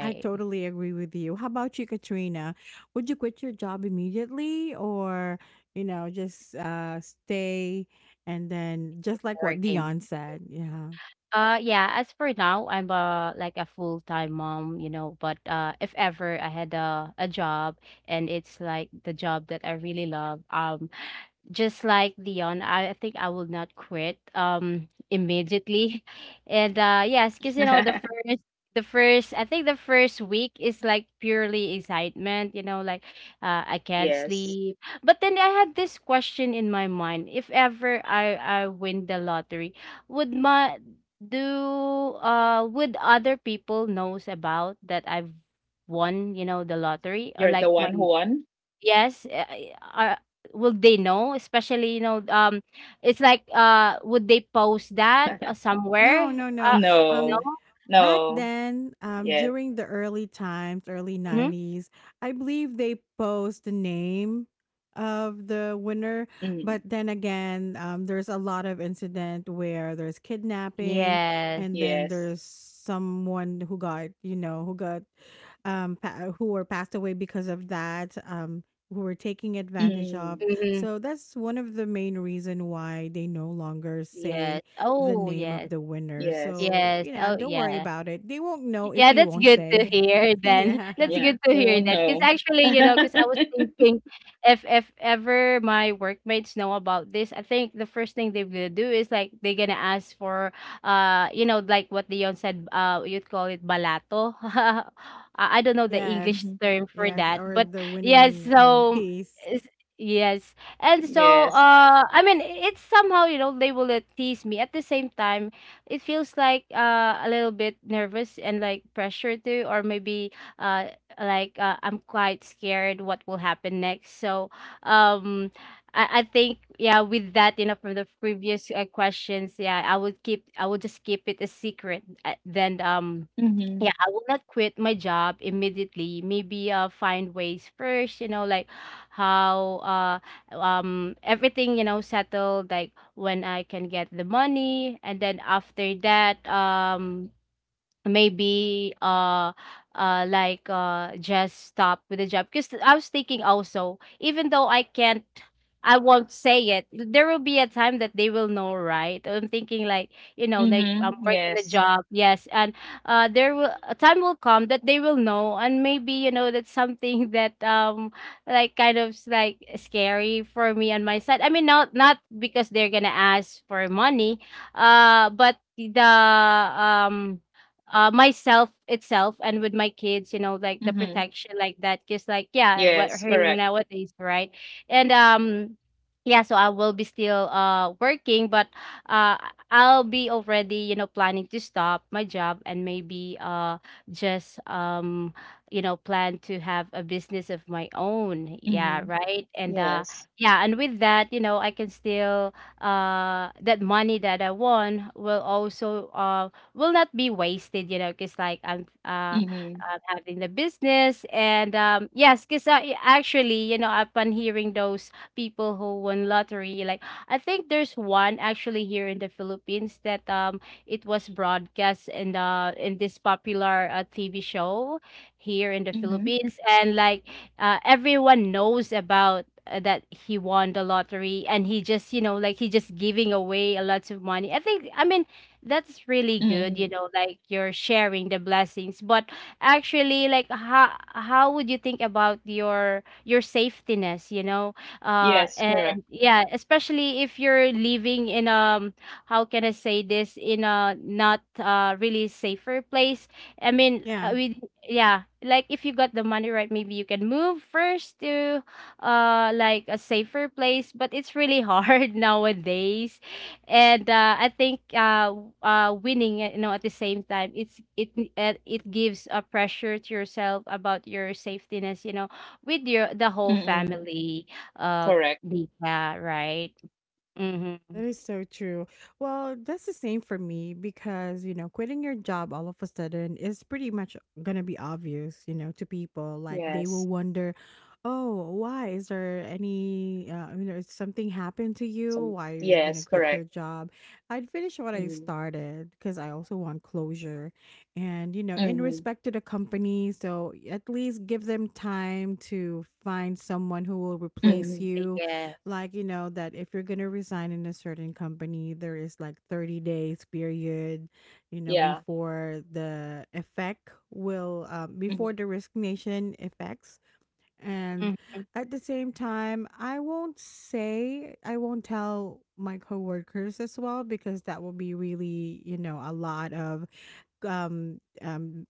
Speaker 1: I totally agree with you. How about you, Katrina? Would you quit your job immediately, or, you know, just stay and then
Speaker 3: Keep
Speaker 1: just like what
Speaker 3: working.
Speaker 1: Dion said? Yeah.
Speaker 3: Yeah, as for now, I'm like a full-time mom, you know, but if ever I had a job and it's like the job that I really love, just like Dion, I think I will not quit immediately. And yes, because you know the first I think the first week is like purely excitement, you know, like I can't
Speaker 2: Yes.
Speaker 3: sleep. But then I had this question in my mind. If ever I win the lottery, would my do would other people knows about that I've won, you know, the
Speaker 2: You're
Speaker 3: lottery,
Speaker 2: the
Speaker 3: or
Speaker 2: one
Speaker 3: like
Speaker 2: who
Speaker 3: my
Speaker 2: won.
Speaker 3: Yes, uh, will they know? Especially, it's like, would they post that somewhere?
Speaker 1: No, no, no.
Speaker 3: Uh,
Speaker 2: No,
Speaker 3: no.
Speaker 1: Um. Back
Speaker 2: no.
Speaker 1: then,
Speaker 2: Yes.
Speaker 1: during the early times, early
Speaker 3: Hmm.
Speaker 1: '90s, I believe they post the name of the winner.
Speaker 2: Mm.
Speaker 1: But then again, there's a lot of incident where there's kidnapping,
Speaker 3: Yes.
Speaker 2: Yes.
Speaker 1: and then there's someone who got, who got who were passed away because of that, who were taking
Speaker 2: Mm.
Speaker 1: advantage of.
Speaker 3: Hmm.
Speaker 1: So that's one of the main reason why they no longer
Speaker 3: Yes.
Speaker 1: say the
Speaker 3: Oh,
Speaker 1: name of
Speaker 3: yes.
Speaker 1: the winner.
Speaker 2: Yes,
Speaker 1: So,
Speaker 3: Yes.
Speaker 1: you know,
Speaker 3: Oh,
Speaker 1: don't worry
Speaker 3: yeah.
Speaker 1: about it. They won't know if
Speaker 3: Yeah,
Speaker 1: you
Speaker 3: that's
Speaker 1: won't
Speaker 3: good to
Speaker 1: say.
Speaker 3: hear then.
Speaker 1: Yeah.
Speaker 2: yeah,
Speaker 3: That's
Speaker 2: they
Speaker 3: good to
Speaker 2: won't
Speaker 3: hear
Speaker 2: know.
Speaker 3: that. Because actually, you know, because I was thinking if ever my workmates know about this, I think the first thing they're gonna do is like they're gonna ask for you know, like what Leon said, you'd call it balato. I don't know the
Speaker 2: Mhm.
Speaker 3: English
Speaker 1: Yes.
Speaker 3: term for
Speaker 1: Yes.
Speaker 3: that.
Speaker 1: Or
Speaker 3: But
Speaker 1: the
Speaker 3: yes.
Speaker 1: winning
Speaker 3: So
Speaker 1: piece.
Speaker 3: is- yes. And so
Speaker 2: Yes.
Speaker 3: I mean it's somehow, you know, they will tease me, at the same time it feels like a little bit nervous and like pressure too, or maybe uh, I'm quite scared what will happen next. So um, I think yeah, with that you know from the previous questions, yeah, I would just keep it a secret, then
Speaker 2: Mm-hmm.
Speaker 3: yeah, I will not quit my job immediately. Maybe find ways first, you know, like how everything, you know, settled, like when I can get the money, and then after that maybe like just stop with the job, because I was thinking also even though I won't say it, there will be a time that they will know, right? I'm thinking like, you know, like
Speaker 2: Mhm.
Speaker 3: I'm working
Speaker 2: Yes.
Speaker 3: a job, yes, and there will a time will come that they will know, and maybe you know that's something that like scary for me on my side, I mean not not because they're gonna ask for money, but the myself itself and with my kids, you know, like the
Speaker 2: Mhm.
Speaker 3: protection like that, because like yeah what
Speaker 2: Yes,
Speaker 3: hearing
Speaker 2: correct.
Speaker 3: nowadays, right? And yeah, so I will be still working, but uh I'll be already, you know, planning to stop my job, and maybe just you know plan to have a business of my own, yeah,
Speaker 2: Mhm.
Speaker 3: right? And
Speaker 2: Yes.
Speaker 3: yeah, and with that you know I can still that money that I won will also will not be wasted, you know, because like
Speaker 2: Mhm.
Speaker 3: I'm having the business, and yes, because I actually, you know, upon hearing those people who won lottery, like I think there's one actually here in the Philippines that it was broadcast in the in this popular TV show here in the
Speaker 2: Mhm.
Speaker 3: Philippines, and like everyone knows about that he won the lottery, and he just you know like he just giving away a lot of money, I think, I mean that's really good you
Speaker 2: Mm.
Speaker 3: know like you're sharing the blessings, but actually like how would you think about your safetiness, you know,
Speaker 2: Yes,
Speaker 3: and
Speaker 2: correct.
Speaker 3: yeah especially if you're living in how can I say this in a not really safer place. I mean,
Speaker 1: Yeah.
Speaker 3: with yeah, like if you got the money, right, maybe you can move first to like a safer place, but it's really hard nowadays. And I think, winning, you know, at the same time, it gives a pressure to yourself about your safetiness, you know, with your the whole
Speaker 2: Mm.
Speaker 3: family, uh,
Speaker 2: Correct.
Speaker 3: Nika, right? Mm-hmm.
Speaker 1: That is so true. Well, that's the same for me because, quitting your job all of a sudden is pretty much going to be obvious, to people. Like they
Speaker 2: Yes.
Speaker 1: will wonder, oh, why? Is there any, is something happened to you?
Speaker 2: Some,
Speaker 1: Why you're going to
Speaker 2: yes,
Speaker 1: quit your
Speaker 2: correct.
Speaker 1: job? I'd finish what I
Speaker 2: Mhm.
Speaker 1: started because I also want closure and, in
Speaker 2: Mhm.
Speaker 1: respect to the company. So at least give them time to find someone who will replace
Speaker 2: Mhm.
Speaker 1: you.
Speaker 3: Yes.
Speaker 1: Like that if you're going to resign in a certain company, there is like 30 days period
Speaker 2: Yeah.
Speaker 1: before the effect will,
Speaker 2: Mhm.
Speaker 1: before the resignation effects. And
Speaker 3: Mhm.
Speaker 1: at the same time, I won't tell my coworkers as well, because that will be really, a lot of. um, um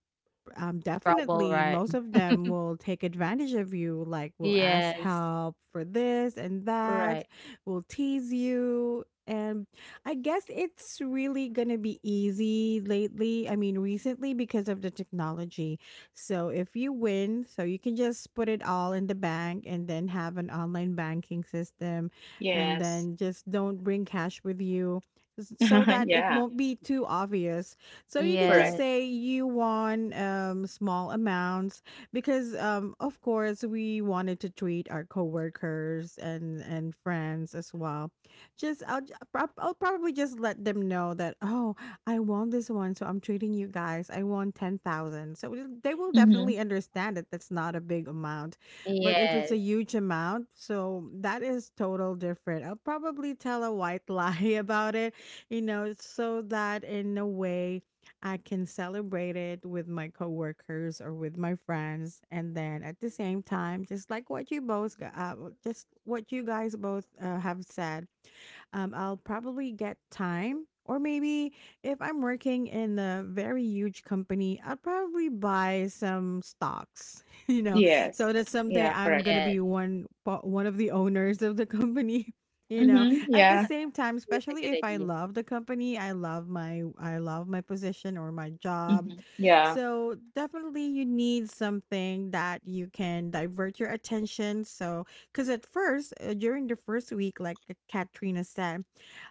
Speaker 3: Trouble,
Speaker 1: Definitely
Speaker 3: right?
Speaker 1: most of them will take advantage of you, like, will ask
Speaker 3: Yes.
Speaker 1: help for this and that,
Speaker 3: Right.
Speaker 1: will tease you. And I guess it's really gonna be easy lately, I mean recently, because of the technology. So if you win, so you can just put it all in the bank and then have an online banking system, and
Speaker 2: Yes.
Speaker 1: then just don't bring cash with you, so that it
Speaker 2: Yeah,
Speaker 1: won't be too obvious. So you can just
Speaker 2: correct.
Speaker 3: Yes.
Speaker 1: say you want small amounts, because, of course, we wanted to treat our coworkers and friends as well. Just I'll probably just let them know that, oh, I want this one, so I'm treating you guys. I want 10,000, so they will
Speaker 2: Mhm.
Speaker 1: definitely understand that that's not a big amount, but
Speaker 3: Yes.
Speaker 1: if it's a huge amount, so that is total different. I'll probably tell a white lie about it, so that in a way I can celebrate it with my coworkers or with my friends. And then at the same time, just like what you guys both have said. I'll probably get time. Or maybe if I'm working in a very huge company, I'll probably buy some stocks,
Speaker 2: Yes.
Speaker 1: so that someday
Speaker 2: Yeah,
Speaker 1: I'm
Speaker 2: correct.
Speaker 1: gonna
Speaker 3: Yes.
Speaker 1: be one of the owners of the company. you know
Speaker 2: Mhm.
Speaker 1: at the
Speaker 2: Yeah.
Speaker 1: same time,
Speaker 3: It's a good
Speaker 1: especially if I
Speaker 3: idea.
Speaker 1: love the company, I love my position or my job.
Speaker 2: Mhm. Yeah.
Speaker 1: So definitely you need something that you can divert your attention. So, because at first, during the first week, like Katrina said,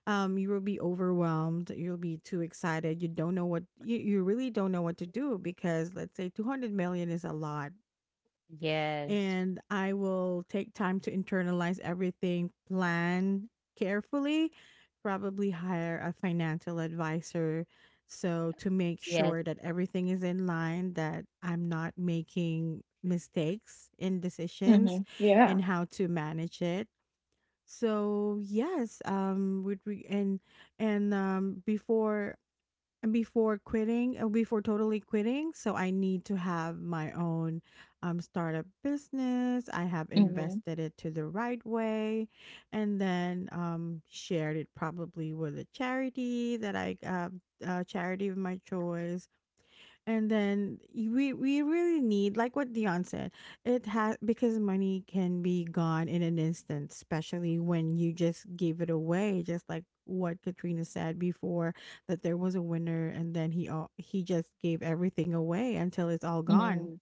Speaker 1: you will be overwhelmed. You'll be too excited. You don't know you really don't know what to do because let's say 200 million is a lot.
Speaker 3: Yes.
Speaker 1: And I will take time to internalize everything, plan carefully, probably hire a financial advisor. So, to make
Speaker 3: Yes.
Speaker 1: sure that everything is in line, that I'm not making mistakes in
Speaker 2: Mhm.
Speaker 1: decisions
Speaker 2: Yeah.
Speaker 1: and how to manage it. So yes, would we and before totally quitting, so I need to have my own startup business. I have
Speaker 2: Mhm.
Speaker 1: invested it to the right way, and then shared it probably with a charity, that I a charity of my choice. And then we really need, like what Dion said. It has Because money can be gone in an instant, especially when you just give it away, just like what Katrina said before, that there was a winner, and then he just gave everything away until it's all gone.
Speaker 2: Mhm.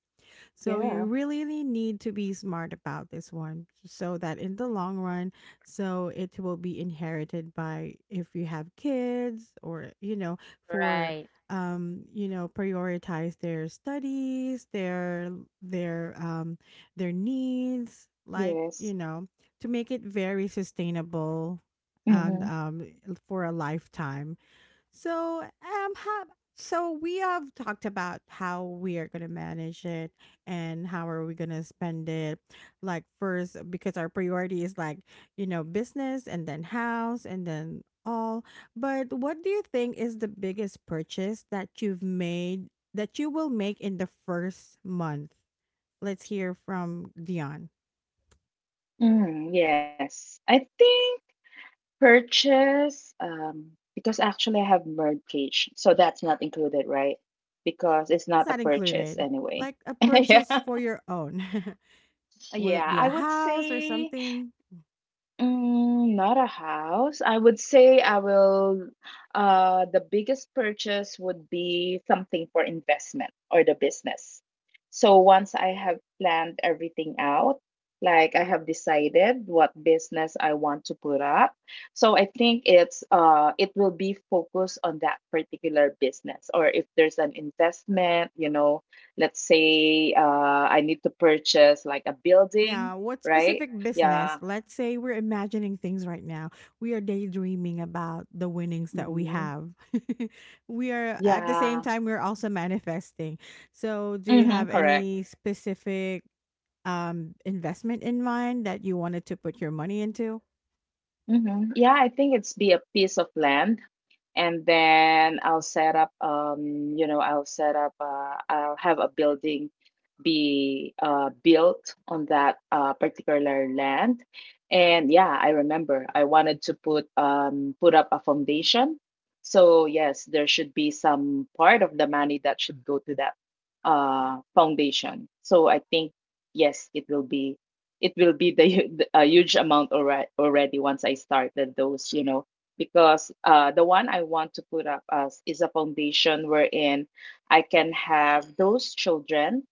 Speaker 1: So
Speaker 2: Yeah.
Speaker 1: you really need to be smart about this one, so that in the long run, so it will be inherited by, if you have kids, or, for,
Speaker 3: Right.
Speaker 1: prioritize their studies, their um their needs, like
Speaker 2: Yes.
Speaker 1: to make it very sustainable. And
Speaker 2: Mhm.
Speaker 1: for a lifetime. So, um, how, so we have talked about how we are going to manage it and how are we going to spend it. Like first, because our priority is like, business, and then house, and then all. But what do you think is the biggest purchase that you've made, that you will make in the first month? Let's hear from Dion.
Speaker 2: Mm, yes, I think. Purchase, because actually I have mortgage, so that's not included, right? Because it's not
Speaker 1: It's
Speaker 2: a
Speaker 1: not
Speaker 2: purchase
Speaker 1: included.
Speaker 2: anyway.
Speaker 1: Like a
Speaker 2: Yeah.
Speaker 1: purchase for your own. Will it
Speaker 2: Yeah,
Speaker 1: be a
Speaker 2: I would
Speaker 1: house or
Speaker 2: say,
Speaker 1: something?
Speaker 2: mm, not a house. I would say I will, the biggest purchase would be something for investment or the business. So once I have planned everything out, like I have decided what business I want to put up. So I think it will be focused on that particular business. Or if there's an investment, you know, let's say I need to purchase like a building,
Speaker 1: Yeah, what
Speaker 2: right?
Speaker 1: specific business?
Speaker 2: Yeah.
Speaker 1: Let's say we're imagining things right now. We are daydreaming about the winnings that we
Speaker 2: Hmm.
Speaker 1: have. We are, at the same
Speaker 2: Yeah.
Speaker 1: time, we're also manifesting. So, do you
Speaker 2: Mm-hmm.
Speaker 1: have
Speaker 2: Correct.
Speaker 1: any specific investment in mind that you wanted to put your money into?
Speaker 2: Mm-hmm. Yeah, I think it's be a piece of land. And then I'll set up I'll have a building be built on that particular land. And yeah, I remember I wanted to put up a foundation. So yes, there should be some part of the money that should go to that foundation. So I think yes, it will be, it will be the, hu- the a huge amount, already once I started those, you know. Because the one I want to put up as is a foundation wherein I can have those children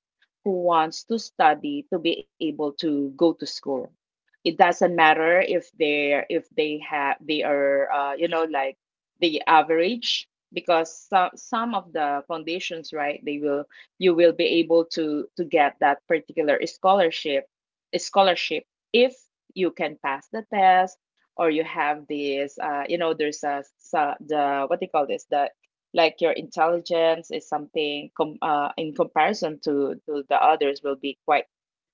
Speaker 2: who wants to study to be able to go to school. It doesn't matter if they're if they have they are, you know, like the average, because some of the foundations, right, they will, you will be able to get that particular scholarship if you can pass the test, or you have this, you know, there's a so- the what do you call this, the, like your intelligence is something in comparison to the others will be quite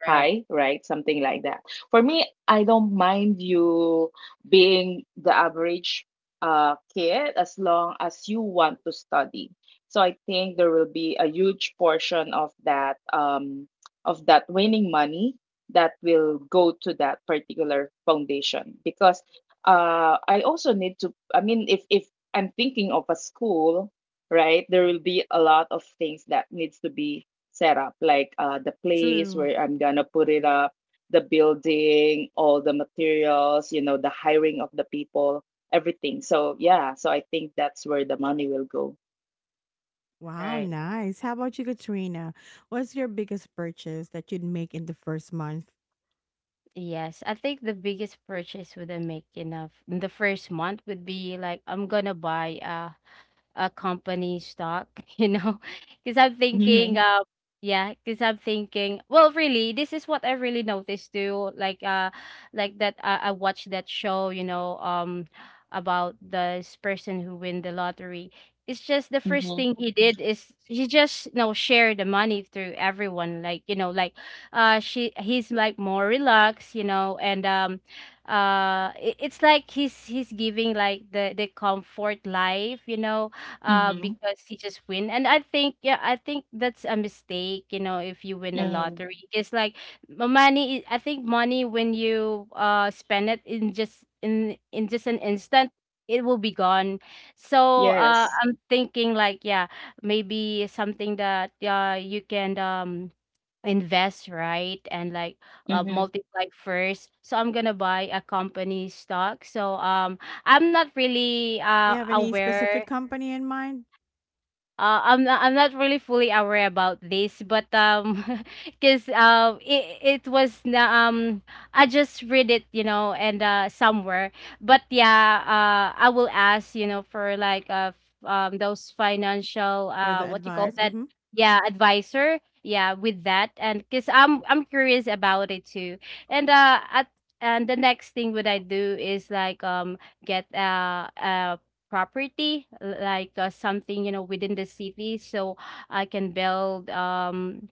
Speaker 3: Right.
Speaker 2: high, right? Something like that. For me, I don't mind you being the average kid as long as you want to study. So I think there will be a huge portion of that, of that winning money that will go to that particular foundation, because I also need to. I mean, if I'm thinking of a school, right, there will be a lot of things that needs to be setup, like the place
Speaker 1: True.
Speaker 2: where I'm gonna put it up, the building, all the materials, you know, the hiring of the people, everything. So yeah, so I think that's where the money will go.
Speaker 1: Wow,
Speaker 3: Right.
Speaker 1: nice. How about you, Katrina? What's your biggest purchase that you'd make in the first month?
Speaker 3: Yes, I think the biggest purchase would I make enough in the first month would be like I'm gonna buy a company stock, you know? Because I'm
Speaker 2: Mm-hmm.
Speaker 3: thinking, uh, yeah, because I'm thinking, well, really, this is what I really noticed too. Like that, I watched that show, you know, about this person who win the lottery. It's just the first
Speaker 2: Mm-hmm.
Speaker 3: thing he did is he just, you know, share the money through everyone. Like, you know, he's like more relaxed, you know, it's like he's giving like the comfort life, you know,
Speaker 2: Mm-hmm.
Speaker 3: because he just win. And I think, yeah, I think that's a mistake, you know. If you win the
Speaker 2: Mm-hmm.
Speaker 3: lottery, it's like money. I think money, when you spend it in just an instant, it will be gone. So
Speaker 2: Yes.
Speaker 3: I'm thinking like, yeah, maybe something that you can invest, right, and like,
Speaker 2: Mm-hmm.
Speaker 3: multiply first. So I'm gonna buy a company stock. I'm not really
Speaker 1: Do you
Speaker 3: uh,
Speaker 1: have any specific
Speaker 3: aware
Speaker 1: company in mind
Speaker 3: I'm not really fully aware about this, but because it it was na I just read it, you know, and somewhere. But yeah, I will ask, you know, for like those financial
Speaker 1: for the
Speaker 3: what you call
Speaker 1: advice?
Speaker 3: that?
Speaker 1: Mm-hmm.
Speaker 3: Yeah, advisor. Yeah, with that. And because I'm curious about it too, and uh at and the next thing what I do is like get a property, like, something, you know, within the city, so I can build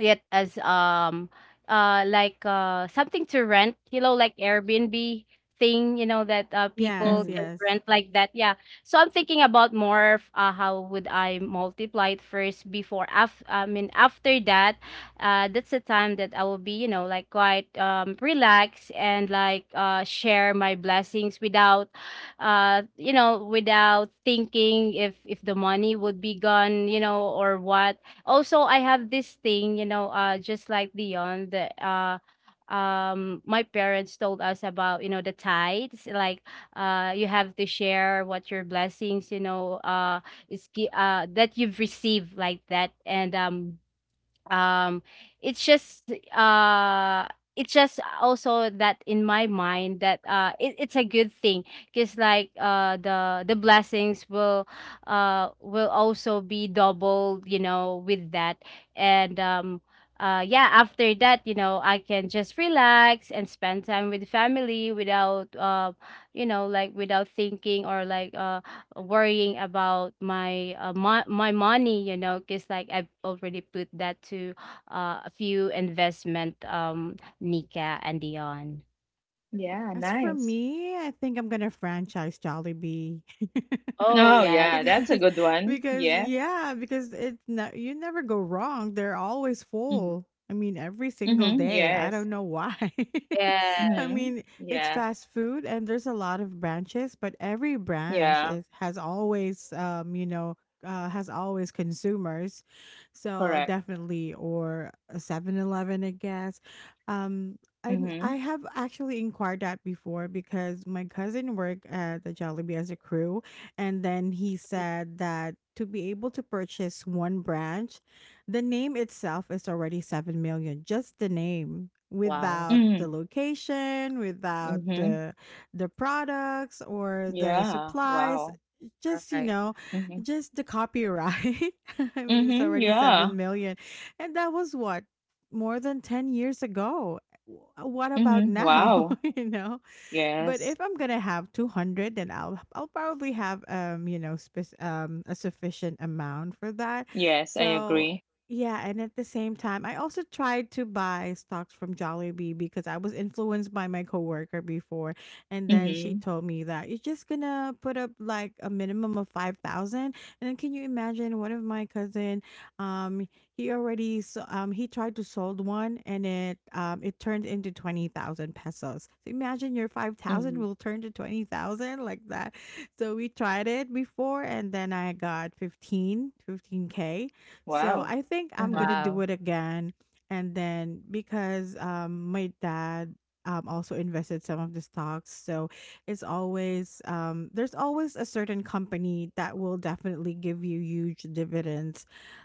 Speaker 3: it as something to rent, you know, like airbnb thing, you know, that
Speaker 2: Mm-hmm.
Speaker 1: Yes,
Speaker 3: people can
Speaker 1: yes.
Speaker 3: rent like that. Yeah. So I'm thinking about more of, how would I multiply it first before, I mean, after that, that's the time that I will be, you know, like quite relaxed, and like share my blessings without you know, without thinking if the money would be gone, you know, or what. Also, I have this thing, you know, just like Dion. The My parents told us about, you know, the tithes, like you have to share what your blessings, you know, that you've received, like that. And um it's just uh it's just also that in my mind that it's a good thing, because like the blessings will, will also be doubled, you know, with that. And yeah, after that, you know, I can just relax and spend time with family without you know, like without thinking or like, worrying about my, my money, you know, because like I've already put that to, a few investment. Nika and Dion.
Speaker 2: Yeah,
Speaker 1: As for
Speaker 2: nice.
Speaker 1: me, I think I'm gonna franchise Jollibee.
Speaker 3: Oh,
Speaker 2: Oh
Speaker 3: yes.
Speaker 2: yeah, that's a
Speaker 1: because
Speaker 2: good one.
Speaker 1: because
Speaker 2: Yes.
Speaker 1: yeah, because it's not you never go wrong. They're always
Speaker 2: Mm-hmm.
Speaker 1: full. I mean, every single
Speaker 2: Mm-hmm.
Speaker 1: day. I
Speaker 2: Yes.
Speaker 1: don't know why.
Speaker 3: Yes.
Speaker 1: I
Speaker 2: Mm-hmm.
Speaker 1: mean, it's
Speaker 2: Yeah.
Speaker 1: fast food and there's a lot of branches, but every branch
Speaker 2: Yeah.
Speaker 1: is has always, has always consumers. So
Speaker 2: Correct.
Speaker 1: definitely, or a 7-Eleven, I guess. Um I
Speaker 2: Mm-hmm.
Speaker 1: have actually inquired that before because my cousin worked at the Jollibee as a crew, and then he said that to be able to purchase one branch, the name itself is already 7 million. Just the name,
Speaker 3: Wow.
Speaker 1: without the
Speaker 2: Mm-hmm.
Speaker 1: location, without
Speaker 2: Mm-hmm.
Speaker 1: the products or the
Speaker 2: Yeah.
Speaker 1: supplies.
Speaker 2: Wow.
Speaker 3: All
Speaker 1: Just,
Speaker 3: right.
Speaker 2: Mm-hmm.
Speaker 1: just the copyright. I mean, it's
Speaker 2: Mhm,
Speaker 1: already
Speaker 2: yeah.
Speaker 1: 7 million, and that was what, more than 10 years ago. What about
Speaker 2: Mhm,
Speaker 1: now?
Speaker 2: wow.
Speaker 1: But
Speaker 2: Yes.
Speaker 1: if I'm gonna have 200, then I'll probably have, a sufficient amount for that.
Speaker 2: Yes, I
Speaker 1: So
Speaker 2: agree.
Speaker 1: yeah. And at the same time, I also tried to buy stocks from Jollibee, because I was influenced by my coworker before, and then she
Speaker 2: Mhm.
Speaker 1: told me that you're just gonna put up like a minimum of 5,000. And then, can you imagine, one of my cousin, um he already, he tried to sold one, and it turned into 20,000 pesos. So imagine your
Speaker 2: Mhm.
Speaker 1: 5,000 will turn to 20,000, like that. So we tried it before and then I got fifteen k. So
Speaker 2: Wow.
Speaker 1: I think I'm going
Speaker 2: Mhm.
Speaker 1: to
Speaker 3: Wow.
Speaker 1: do it again. And then, because my dad, also invested some of the stocks, so it's always, there's always a certain company that will definitely give you huge dividends,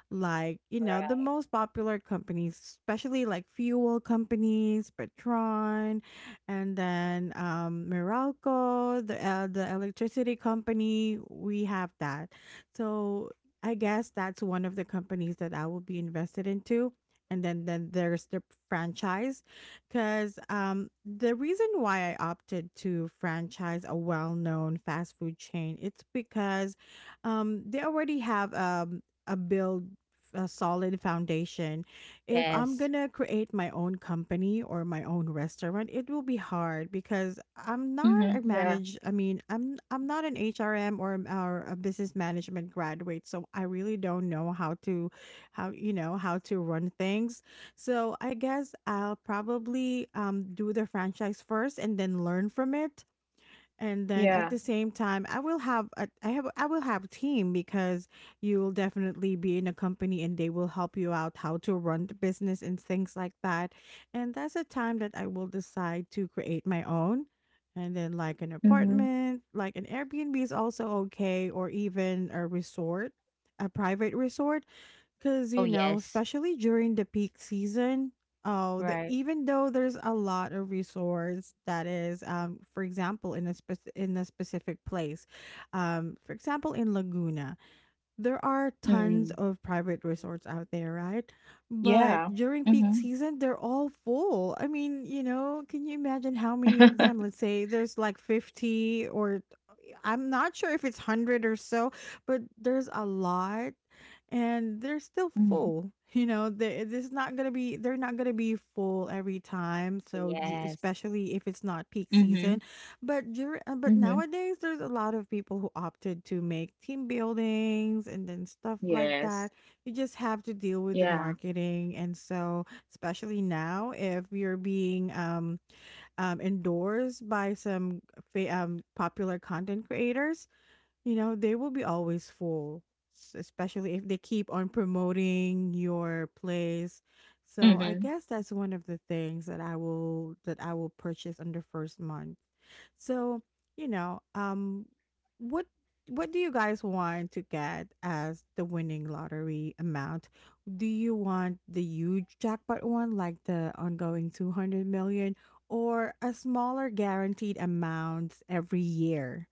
Speaker 1: like, you know, the
Speaker 3: Right.
Speaker 1: most popular companies, especially like fuel companies, Petron, and then Meralco, the electricity company we have that. So I guess that's one of the companies that I will be invested into. And then there's the franchise, because the reason why I opted to franchise a well-known fast food chain, it's because they already have, a build, a solid foundation. If I'm
Speaker 3: Yes.
Speaker 1: gonna create my own company or my own restaurant, it will be hard because I'm not a
Speaker 2: Mhm. Yeah.
Speaker 1: manage. I mean, I'm not an HRM or a business management graduate, so I really don't know how to, how you know how to run things. So I guess I'll probably do the franchise first and then learn from it. And then at the
Speaker 2: Yeah.
Speaker 1: same time, I will have a team, because you will definitely be in a company, and they will help you out how to run the business and things like that. And that's a time that I will decide to create my own. And then, like an
Speaker 2: Mhm.
Speaker 1: apartment, like an Airbnb is also okay, or even a resort, a private resort. Because,
Speaker 3: Oh, yes.
Speaker 1: especially during the peak season, oh,
Speaker 3: Right.
Speaker 1: even though there's a lot of resorts that is, for example, in a, in a specific place, for example, in Laguna, there are
Speaker 2: Mhm.
Speaker 1: tons of private resorts out there, right? But
Speaker 2: Yeah.
Speaker 1: during peak
Speaker 2: Mhm.
Speaker 1: season, they're all full. I mean, can you imagine how many of them? Let's say there's like 50, or I'm not sure if it's 100 or so, but there's a lot, and they're still
Speaker 2: Mhm.
Speaker 1: full. You know, they're not going to be full every time. So,
Speaker 3: Yes.
Speaker 1: especially if it's not peak season.
Speaker 2: Mhm.
Speaker 1: But,
Speaker 2: Mhm.
Speaker 1: nowadays, there's a lot of people who opted to make team buildings and then stuff like
Speaker 2: Yes.
Speaker 1: that. You just have to deal with the
Speaker 2: Yeah.
Speaker 1: marketing. And so, especially now, if you're being, endorsed by some popular content creators, you know, they will be always full, especially if they keep on promoting your place. So I
Speaker 2: Mhm.
Speaker 1: guess that's one of the things that I will purchase on the first month. So, you know, um what what do you guys want to get as the winning lottery amount? Do you want the huge jackpot one like the ongoing 200 million or a smaller guaranteed amount every year?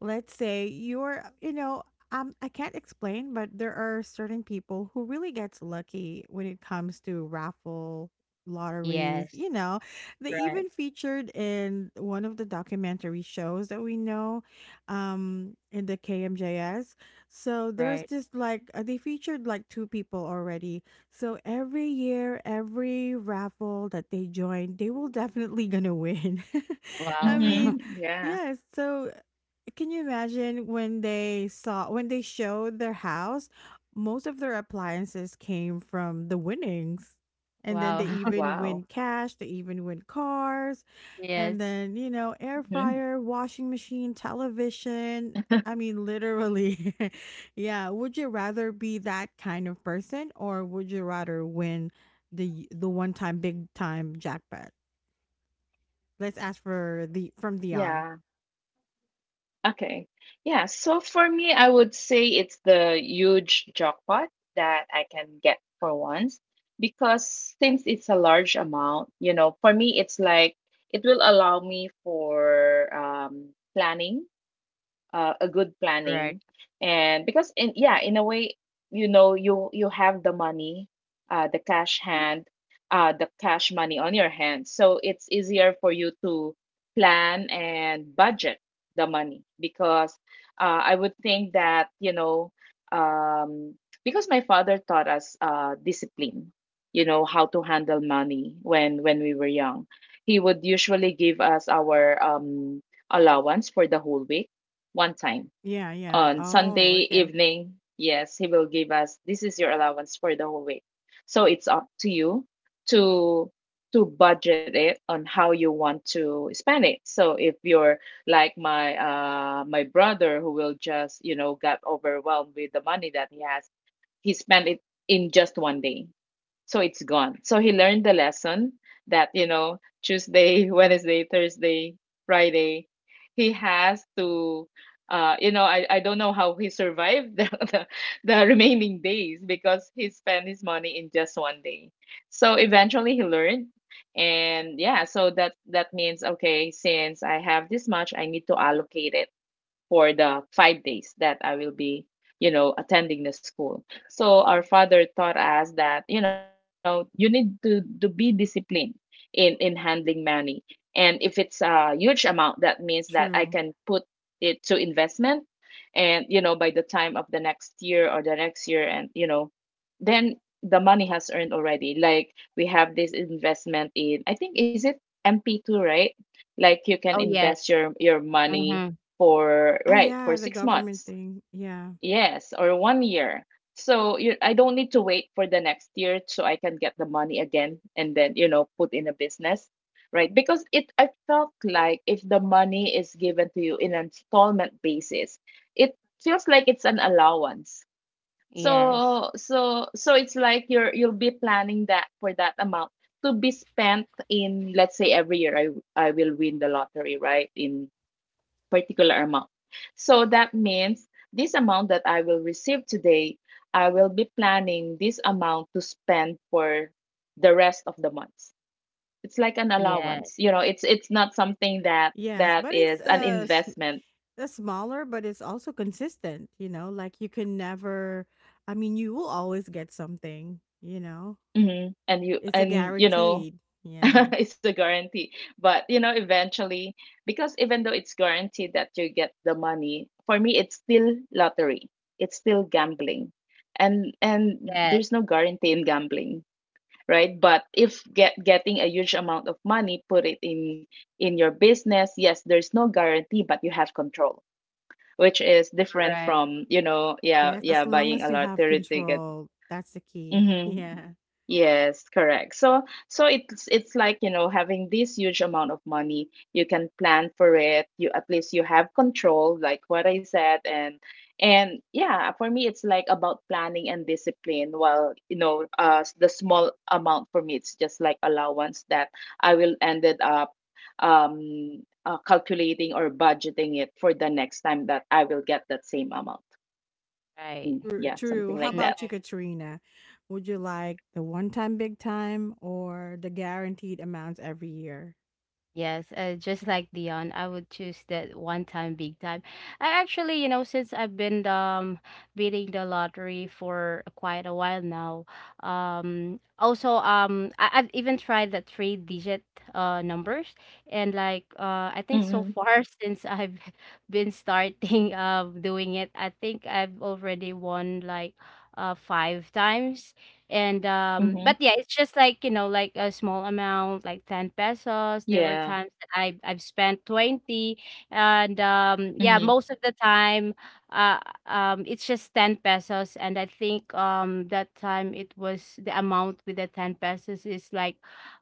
Speaker 1: Let's say I can't explain, but there are certain people who really gets lucky when it comes to raffle lotteries.
Speaker 3: Yes.
Speaker 1: You know, they
Speaker 3: Right.
Speaker 1: even featured in one of the documentary shows that we know in the KMJS. So there's
Speaker 3: Right.
Speaker 1: this they featured like two people already. So every year, every raffle that they join, they will definitely gonna win. I
Speaker 3: Wow.
Speaker 1: mean,
Speaker 2: Mhm. Yeah.
Speaker 1: yes. So can you imagine when they showed their house, most of their appliances came from the winnings. And then
Speaker 3: Wow.
Speaker 1: they even
Speaker 2: Wow.
Speaker 1: win cash, they even win cars, and
Speaker 3: Yes.
Speaker 1: then, you know, air
Speaker 2: Mhm.
Speaker 1: fryer, washing machine, television. I mean, literally. Yeah, would you rather be that kind of person or would you rather win the one-time big time jackpot? Let's ask for the from the on.
Speaker 2: Yeah. Okay. Yeah. So for me, I would say it's the huge jackpot that I can get for once, because since it's a large amount, you know, for me, it's like it will allow me for, planning, a good
Speaker 3: Right.
Speaker 2: planning. And because in, yeah, in a way, you know, you have the money, the cash hand, the cash money on your hand, so it's easier for you to plan and budget the money, because, I would think that, you know, um, because my father taught us, discipline, you know, how to handle money when we were young. He would usually give us our, allowance for the whole week, one time,
Speaker 1: Yeah, yeah.
Speaker 2: on
Speaker 1: Oh,
Speaker 2: Sunday
Speaker 1: okay.
Speaker 2: evening. Yes, he will give us, this is your allowance for the whole week. So it's up to you to budget it on how you want to spend it. So if you're like my brother who will just, you know, got overwhelmed with the money that he has, he spent it in just one day, so it's gone. So he learned the lesson that, you know, Tuesday, Wednesday, Thursday, Friday, he has to, you know, I don't know how he survived the remaining days because he spent his money in just one day. So eventually he learned. And yeah, so that, that means okay, since I have this much, I need to allocate it for the 5 days that I will be, you know, attending the school. So our father taught us that, you know, you need to be disciplined in handling money. And if it's a huge amount, that means that I can
Speaker 1: True.
Speaker 2: put it to investment. And, you know, by the time of the next year or the next year, and, you know, then the money has earned already. Like we have this investment in, I think, is it MP2, right? Like you
Speaker 3: Oh,
Speaker 2: can
Speaker 3: yes.
Speaker 2: invest your
Speaker 3: Mm-hmm.
Speaker 2: money for,
Speaker 1: Oh,
Speaker 2: right, for
Speaker 1: yeah, the
Speaker 2: six
Speaker 1: government
Speaker 2: months
Speaker 1: thing. Yeah.
Speaker 2: yes, or one year. So you, I don't need to wait for the next year, so I can get the money again and then, you know, put in a business, right? Because it, I felt like if the money is given to you in an installment basis, it feels like it's an allowance.
Speaker 3: Yes.
Speaker 2: So it's like you're, you'll be planning that for that amount to be spent in, let's say every year I will win the lottery, right, in particular amount. So that means this amount that I will receive today, I will be planning this amount to spend for the rest of the months. It's like an
Speaker 3: Yes.
Speaker 2: allowance. You know, it's not something that
Speaker 1: Yes,
Speaker 2: that
Speaker 1: but it's
Speaker 2: is an
Speaker 1: uh s-
Speaker 2: investment.
Speaker 1: uh, smaller, but it's also consistent, you know? Like you can never, I mean, you will always get something, you know?
Speaker 2: Mhm.
Speaker 1: It's a
Speaker 2: And you know,
Speaker 1: guaranteed. Yeah.
Speaker 2: it's a guarantee. But you know, eventually, because even though it's guaranteed that you get the money, for me it's still lottery. It's still gambling, and
Speaker 3: Yes.
Speaker 2: there's no guarantee in gambling, right? But if get getting a huge amount of money, put it in your business, yes, there's no guarantee, but you have control, which is different
Speaker 3: Right.
Speaker 2: from, you know, yeah,
Speaker 1: Yes, as
Speaker 2: yeah,
Speaker 1: long
Speaker 2: buying
Speaker 1: as
Speaker 2: a
Speaker 1: you have
Speaker 2: lottery ticket.
Speaker 1: control, that's the key.
Speaker 2: Mhm.
Speaker 1: Yeah.
Speaker 2: Yes, correct. So it's like, you know, having this huge amount of money, you can plan for it. You, at least you have control, like what I said, and yeah, for me it's like about planning and discipline. While, you know, the small amount for me it's just like allowance that I will ended up, calculating or budgeting it for the next time that I will get that same amount. Mm,
Speaker 1: True,
Speaker 2: yeah,
Speaker 1: true.
Speaker 2: something
Speaker 1: How
Speaker 2: like that.
Speaker 1: about
Speaker 3: Right.
Speaker 1: you, Katrina? Would you like the one-time big time or the guaranteed amounts every year?
Speaker 3: Yes, just like Dion, I would choose that one time big time. I actually, you know, since I've been beating the lottery for quite a while now, also, I've even tried the three digit numbers. And like, I
Speaker 2: Mm-hmm.
Speaker 3: think so far, since I've been starting doing it, I think I've already won like five times. And
Speaker 2: Mm-hmm.
Speaker 3: But yeah, it's just like, you know, like a small amount, like 10 pesos. There were
Speaker 2: Yeah.
Speaker 3: times that I've spent 20, and
Speaker 2: Mhm,
Speaker 3: yeah, most of the time, uh, it's just 10 pesos. And I think, that time it was the amount with the 10 pesos is like,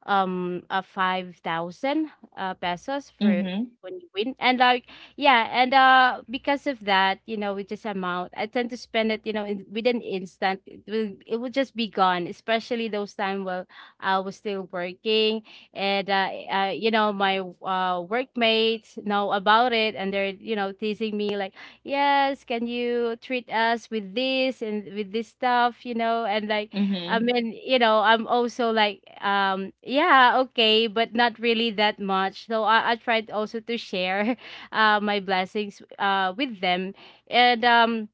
Speaker 3: a 5,000 pesos for
Speaker 2: mhm,
Speaker 3: when you win, and like yeah. and Because of that, you know, with this amount I tend to spend it, you know, in, with instant, it will just be gone, especially those time while I was still working. And You know, my workmates know about it, and they're, you know, teasing me like, yes, can you treat us with this and with this stuff, you know, and like, I
Speaker 2: mhm.
Speaker 3: mean, you know, I'm also like, yeah, okay, but not really that much. So I tried also to share my blessings with them. And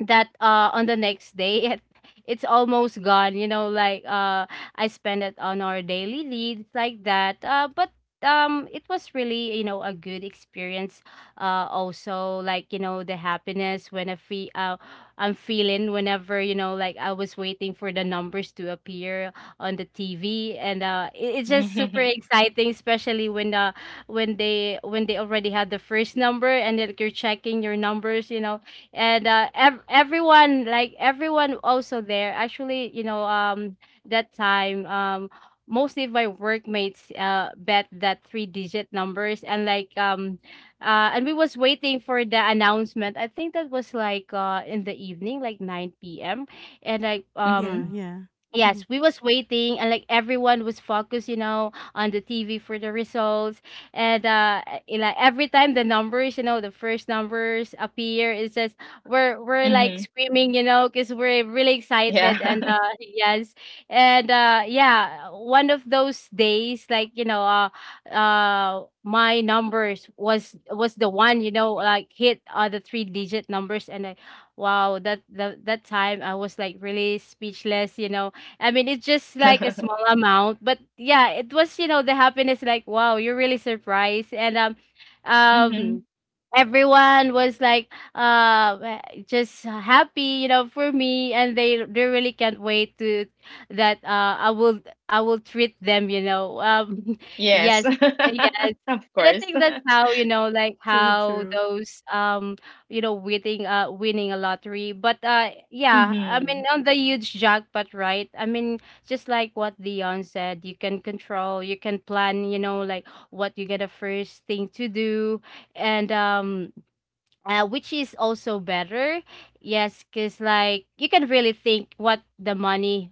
Speaker 3: that on the next day, it's almost gone, you know, like I spend it on our daily needs, like that, but it was really, you know, a good experience. Also, like, you know, the happiness when I'm feeling, whenever, you know, like I was waiting for the numbers to appear on the TV, and it's just super exciting, especially when they already had the first number, and then you're checking your numbers, you know. Everyone also there, actually, you know. That time, mostly of my workmates bet that three digit numbers, and like and we was waiting for the announcement. I think that was like, in the evening, like 9 p.m., and like
Speaker 1: Yeah,
Speaker 2: Mhm,
Speaker 1: yeah.
Speaker 3: yes, we was waiting, and like everyone was focused, you know, on the TV for the results. Like every time the numbers, you know, the first numbers appear, it's just we're like
Speaker 2: mhm.
Speaker 3: screaming, you know, because we're really
Speaker 2: Yeah.
Speaker 3: excited. And yes. And yeah, one of those days, like, you know, my numbers was the one, you know, like hit, the three digit numbers, and I, wow, that time I was like really speechless, you know. I mean, it's just like a small amount, but yeah, it was, you know, the happiness like, wow, you're really surprised. And
Speaker 2: Mhm.
Speaker 3: um everyone was like, just happy, you know, for me, and they really can't wait to that, I will treat them, you know.
Speaker 2: Yes.
Speaker 3: Yes. Yes,
Speaker 2: Of
Speaker 3: and I
Speaker 2: course.
Speaker 3: think that's how, you know, like
Speaker 1: True,
Speaker 3: how
Speaker 1: true.
Speaker 3: those, you know, winning a lottery. But yeah, I mean,
Speaker 2: Mhm,
Speaker 3: on the huge jackpot, right, I mean, just like what Leon said, you can control, you can plan, you know, like what you get a first thing to do. And Which is also better. Yes, because like you can really think what the money,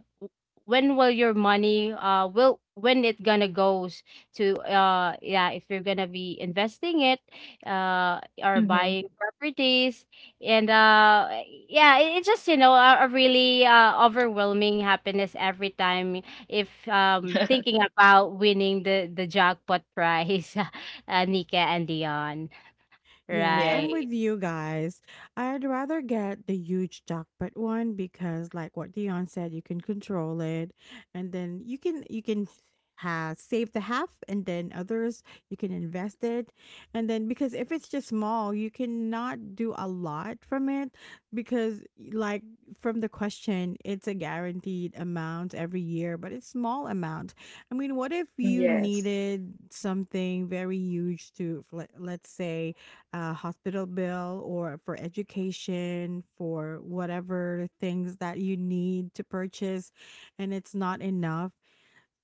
Speaker 3: when will your money will when it gonna goes to, yeah, if you're gonna be investing it, or
Speaker 2: mhm.
Speaker 3: buying properties. And yeah, it's just, you know, a really overwhelming happiness every time if, thinking about winning the jackpot prize. Nika and Dion.
Speaker 1: Yes,
Speaker 2: Yes,
Speaker 1: I'm
Speaker 3: Right.
Speaker 1: with you guys. I'd rather get the huge jackpot one because like what Dion said, you can control it and then you can have save the half and then others you can invest it. And then because if it's just small, you cannot do a lot from it because, like, from the question, it's a guaranteed amount every year, but it's small amount. I mean, what if you
Speaker 2: yes.
Speaker 1: needed something very huge to let's say a hospital bill or for education, for whatever things that you need to purchase, and it's not enough.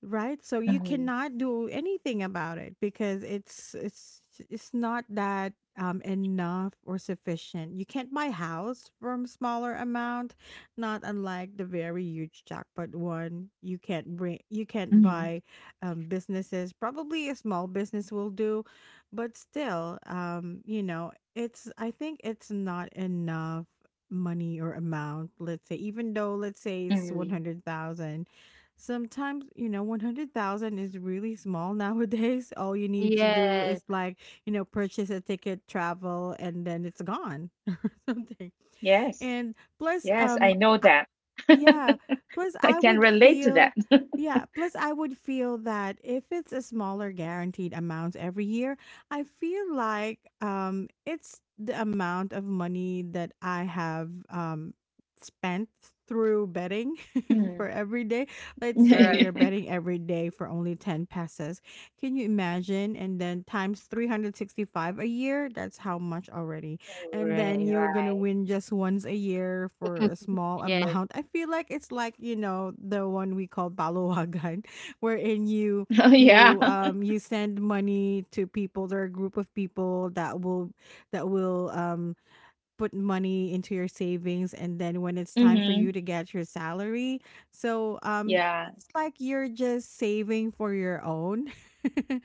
Speaker 1: Right? So you
Speaker 2: Mhm,
Speaker 1: cannot do anything about it because it's not that enough or sufficient. You can't buy house from smaller amount, not unlike the very huge jackpot one. You can't buy
Speaker 2: mhm,
Speaker 1: businesses. Probably a small business will do, but still um, you know, it's, I think it's not enough money or amount, let's say, even though let's say it's
Speaker 2: mhm.
Speaker 1: 100,000. Sometimes, you know, 100,000 is really small nowadays. All you need to do
Speaker 3: Yes.
Speaker 1: is like, you know, purchase a ticket, travel, and then it's gone or something.
Speaker 2: Yes,
Speaker 1: And plus,
Speaker 2: yes, I know
Speaker 1: I-
Speaker 2: that.
Speaker 1: yeah, plus
Speaker 2: I
Speaker 1: I
Speaker 2: can
Speaker 1: would
Speaker 2: relate to that.
Speaker 1: feel, yeah, plus I would feel that if it's a smaller guaranteed amount every year, I feel like it's the amount of money that I have spent through betting
Speaker 2: Mm.
Speaker 1: for every day. Let's say
Speaker 3: Right.
Speaker 1: you're betting every day for only 10 pesos. Can you imagine? And then times 365 a year, that's how much already. And then
Speaker 3: Right,
Speaker 1: you're going to
Speaker 3: right.
Speaker 1: win just once a year for a small
Speaker 3: Yes,
Speaker 1: amount. I feel like it's like, you know, the one we call balawagan, wherein
Speaker 2: Oh, yeah.
Speaker 1: you send money to people, there are a group of people that will put money into your savings and then when it's time for
Speaker 2: Mm-hmm.
Speaker 1: you to get your salary, so um,
Speaker 2: Yeah.
Speaker 1: like you're just saving for your own.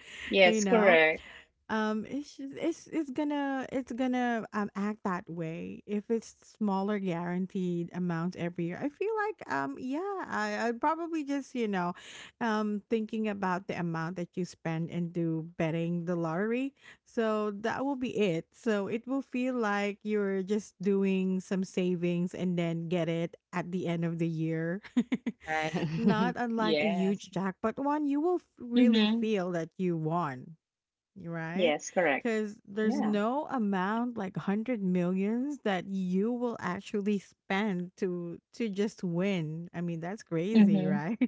Speaker 1: You
Speaker 2: Yes,
Speaker 1: know,
Speaker 2: correct.
Speaker 1: um, it's it's gonna act that way if it's smaller guaranteed amount every year. I feel like um, yeah, I'd probably just, you know, um, thinking about the amount that you spend and do betting the lottery, so that will be it. So it will feel like you're just doing some savings and then get it at the end of the year.
Speaker 3: right.
Speaker 1: Not unlike a
Speaker 2: Yes.
Speaker 1: huge jackpot one, you will really
Speaker 2: Mm-hmm.
Speaker 1: feel that you won, right?
Speaker 2: Yes, correct.
Speaker 1: Because there's
Speaker 2: Yeah.
Speaker 1: no amount like hundred millions that you will actually spend to just win. I mean, that's crazy,
Speaker 2: Mm-hmm.
Speaker 1: right?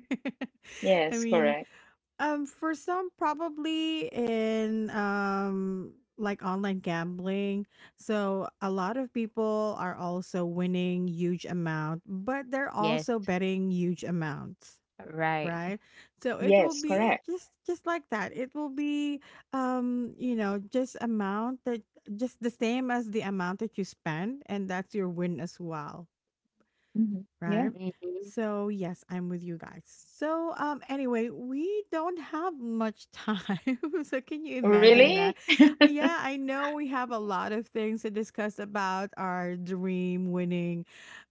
Speaker 1: I
Speaker 2: Yes,
Speaker 1: mean,
Speaker 2: correct.
Speaker 1: for some probably in like online gambling, so a lot of people are also winning huge amount, but they're
Speaker 3: Yes,
Speaker 1: also betting huge amounts,
Speaker 3: right.
Speaker 1: right? So it will
Speaker 2: Yes,
Speaker 1: be
Speaker 2: correct.
Speaker 1: just like that. It will be um, you know, just amount that, just the same as the amount that you spend, and that's your win as well.
Speaker 2: Mhm.
Speaker 1: Right.
Speaker 2: Yeah.
Speaker 3: Mhm,
Speaker 1: So yes, I'm with you guys. So anyway, we don't have much time. So can you imagine
Speaker 3: right.
Speaker 1: that?
Speaker 2: Really?
Speaker 1: Yeah, I know we have a lot of things to discuss about our dream winning,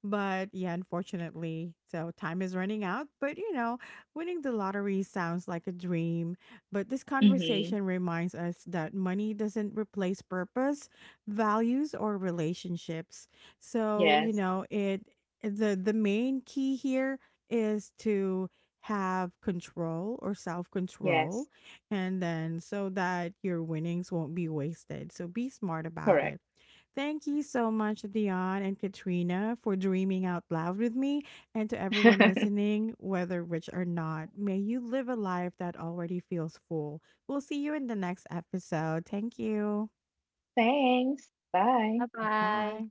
Speaker 1: but yeah, unfortunately, so time is running out. But you know, winning the lottery sounds like a dream, but this conversation
Speaker 2: Mhm.
Speaker 1: reminds us that money doesn't replace purpose, values or relationships. So, you
Speaker 2: Yes.
Speaker 1: know, it, the main key here is to have control or self-control,
Speaker 2: Yes.
Speaker 1: and then so that your winnings won't be wasted. So be smart about it.
Speaker 2: Correct.
Speaker 1: Thank you so much, Dion and Katrina, for dreaming out loud with me. And to everyone listening, whether rich or not, may you live a life that already feels full. We'll see you in the next episode. Thank you.
Speaker 2: Thanks. Bye.
Speaker 3: Bye-bye.
Speaker 1: Bye.